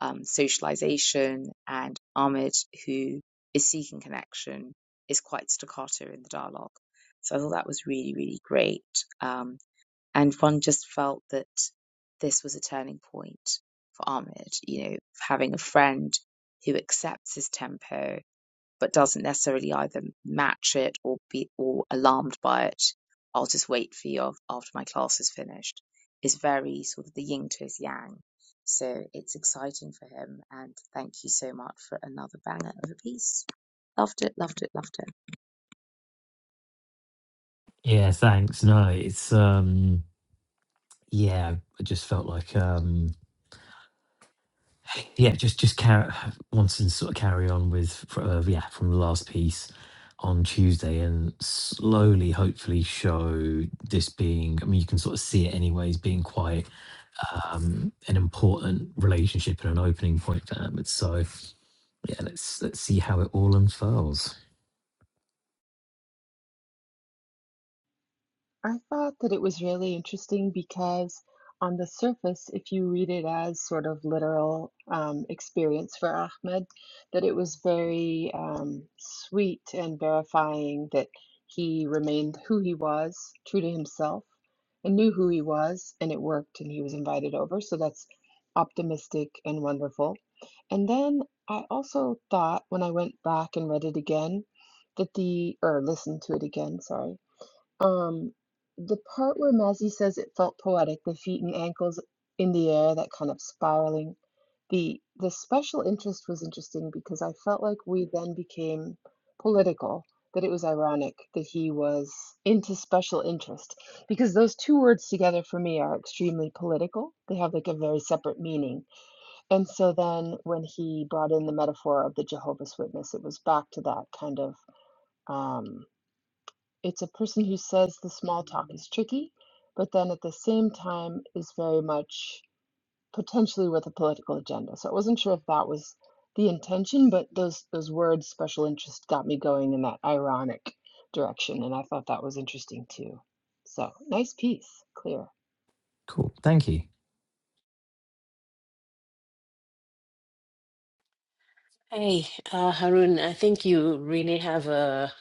[SPEAKER 1] um, socialization, and Ahmed, who is seeking connection, is quite staccato in the dialogue. So I thought that was really, really great. Um, and one just felt that this was a turning point for Ahmed, you know, having a friend who accepts his tempo but doesn't necessarily either match it or be or alarmed by it. I'll just wait for you after my class is finished. Is very sort of the yin to his yang. So it's exciting for him, and thank you so much for another banger of a piece. Loved it, loved it, loved it.
[SPEAKER 2] Yeah, thanks. No, it's um yeah, I just felt like um yeah, just just carry wanting to sort of carry on with fr- uh, yeah, from the last piece on Tuesday and slowly hopefully show this being I mean you can sort of see it anyways being quiet um, an important relationship and an opening point for Ahmed. So yeah, let's let's see how it all unfurls.
[SPEAKER 4] I thought that it was really interesting because, on the surface, if you read it as sort of literal um, experience for Ahmed, that it was very um, sweet and verifying that he remained who he was, true to himself, and knew who he was, and it worked, and he was invited over. So that's optimistic and wonderful. And then I also thought when I went back and read it again that the, or listened to it again, sorry um, the part where Mazzy says it felt poetic, the feet and ankles in the air, that kind of spiraling. The the special interest was interesting because I felt like we then became political, that it was ironic that he was into special interest, because those two words together for me are extremely political. They have like a very separate meaning. And so then when he brought in the metaphor of the Jehovah's Witness, it was back to that kind of um. It's a person who says the small talk is tricky, but then at the same time is very much potentially with a political agenda. So I wasn't sure if that was the intention, but those those words special interest got me going in that ironic direction, and I thought that was interesting too. So nice piece, clear.
[SPEAKER 2] Cool. Thank you.
[SPEAKER 3] Hey, uh, Harun, I think you really have a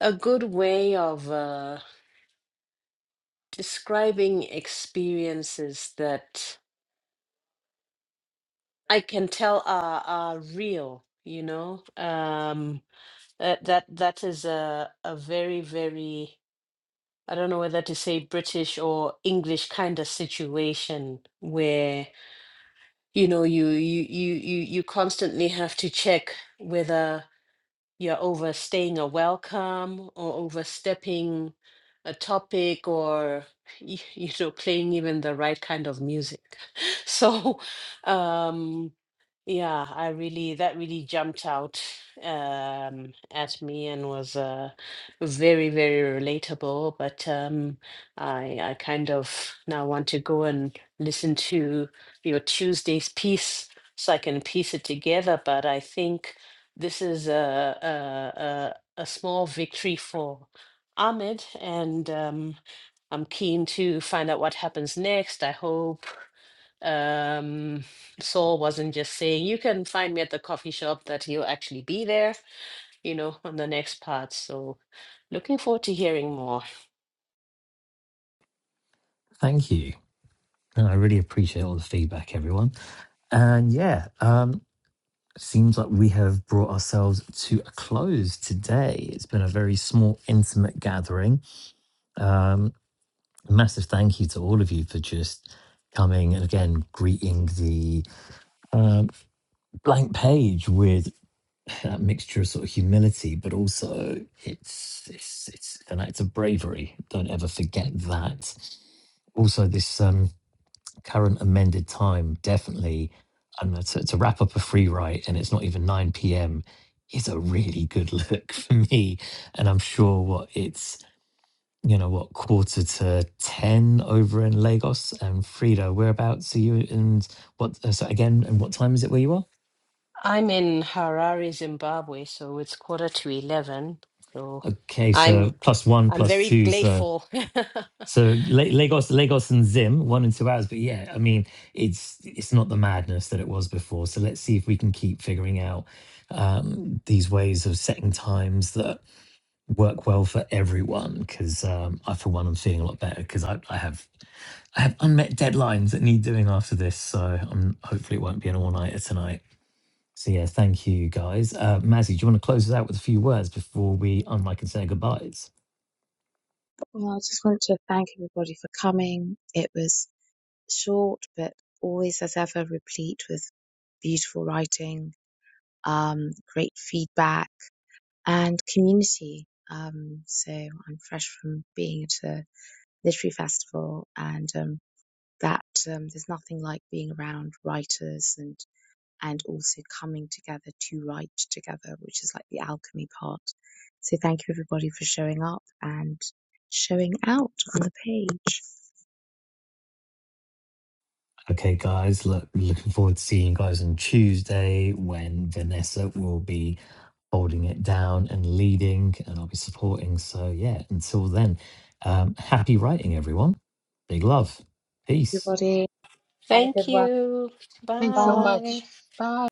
[SPEAKER 3] a good way of uh, describing experiences that I can tell are are real, you know. Um, that that that is a a very, very I don't know whether to say British or English kind of situation where you know you you you you you constantly have to check whether you're overstaying a welcome or overstepping a topic or y- [laughs] you know playing even the right kind of music [laughs] so um yeah i really that really jumped out um at me and was uh very very relatable but um i i kind of now want to go and listen to your tuesday's piece so i can piece it together but i think this is a a, a, a small victory for Ahmed, and um, I'm keen to find out what happens next. I hope um, Saul wasn't just saying, "You can find me at the coffee shop," that he'll actually be there, you know, on the next part. So, looking forward to hearing more.
[SPEAKER 2] Thank you. And I really appreciate all the feedback, everyone. And yeah, um, seems like we have brought ourselves to a close today. It's been a very small, intimate gathering. Um, massive thank you to all of you for just coming and again greeting the um, blank page with and that mixture of sort of humility, but also it's it's it's an act of bravery. Don't ever forget that. Also, this um, current amended time definitely. I don't know, to, to wrap up a free write, and it's not even nine p.m. is a really good look [laughs] for me, and I'm sure what it's you know what quarter to ten over in Lagos and Frida. Whereabouts are you? And what uh, so again? And what time is it where you are?
[SPEAKER 3] I'm in Harare, Zimbabwe, so it's quarter to 11. So,
[SPEAKER 2] Okay,
[SPEAKER 3] I'm
[SPEAKER 2] so plus one,
[SPEAKER 3] I'm
[SPEAKER 2] plus
[SPEAKER 3] very
[SPEAKER 2] two, so
[SPEAKER 3] grateful. [laughs]
[SPEAKER 2] so La- Lagos, Lagos One and two hours, but yeah, I mean, it's it's not the madness that it was before. So let's see if we can keep figuring out um, these ways of setting times that work well for everyone. Because um, I, for one, i am feeling a lot better because I, I have I have unmet deadlines that need doing after this. So um, hopefully it won't be an all nighter tonight. So yeah, thank you guys. Uh, Mazzy, do you want to close us out with a few words before we unlike and say goodbyes?
[SPEAKER 1] Well, I just want to thank everybody for coming. It was short, but always as ever replete with beautiful writing, um, great feedback, and community. Um, so I'm fresh from being at a literary festival, and um, that um, there's nothing like being around writers and and also coming together to write together, which is like the alchemy part. So thank you everybody for showing up and showing out on the page.
[SPEAKER 2] Okay, guys, look, looking forward to seeing you guys on Tuesday when Vanessa will be holding it down and leading, and I'll be supporting. So, yeah, until then, um, happy writing, everyone. Big love. Peace.
[SPEAKER 1] Everybody have a
[SPEAKER 3] Thank
[SPEAKER 1] good one.
[SPEAKER 3] you.
[SPEAKER 4] Thanks so
[SPEAKER 1] Bye.
[SPEAKER 4] much.
[SPEAKER 3] Bye.
[SPEAKER 4] Bye.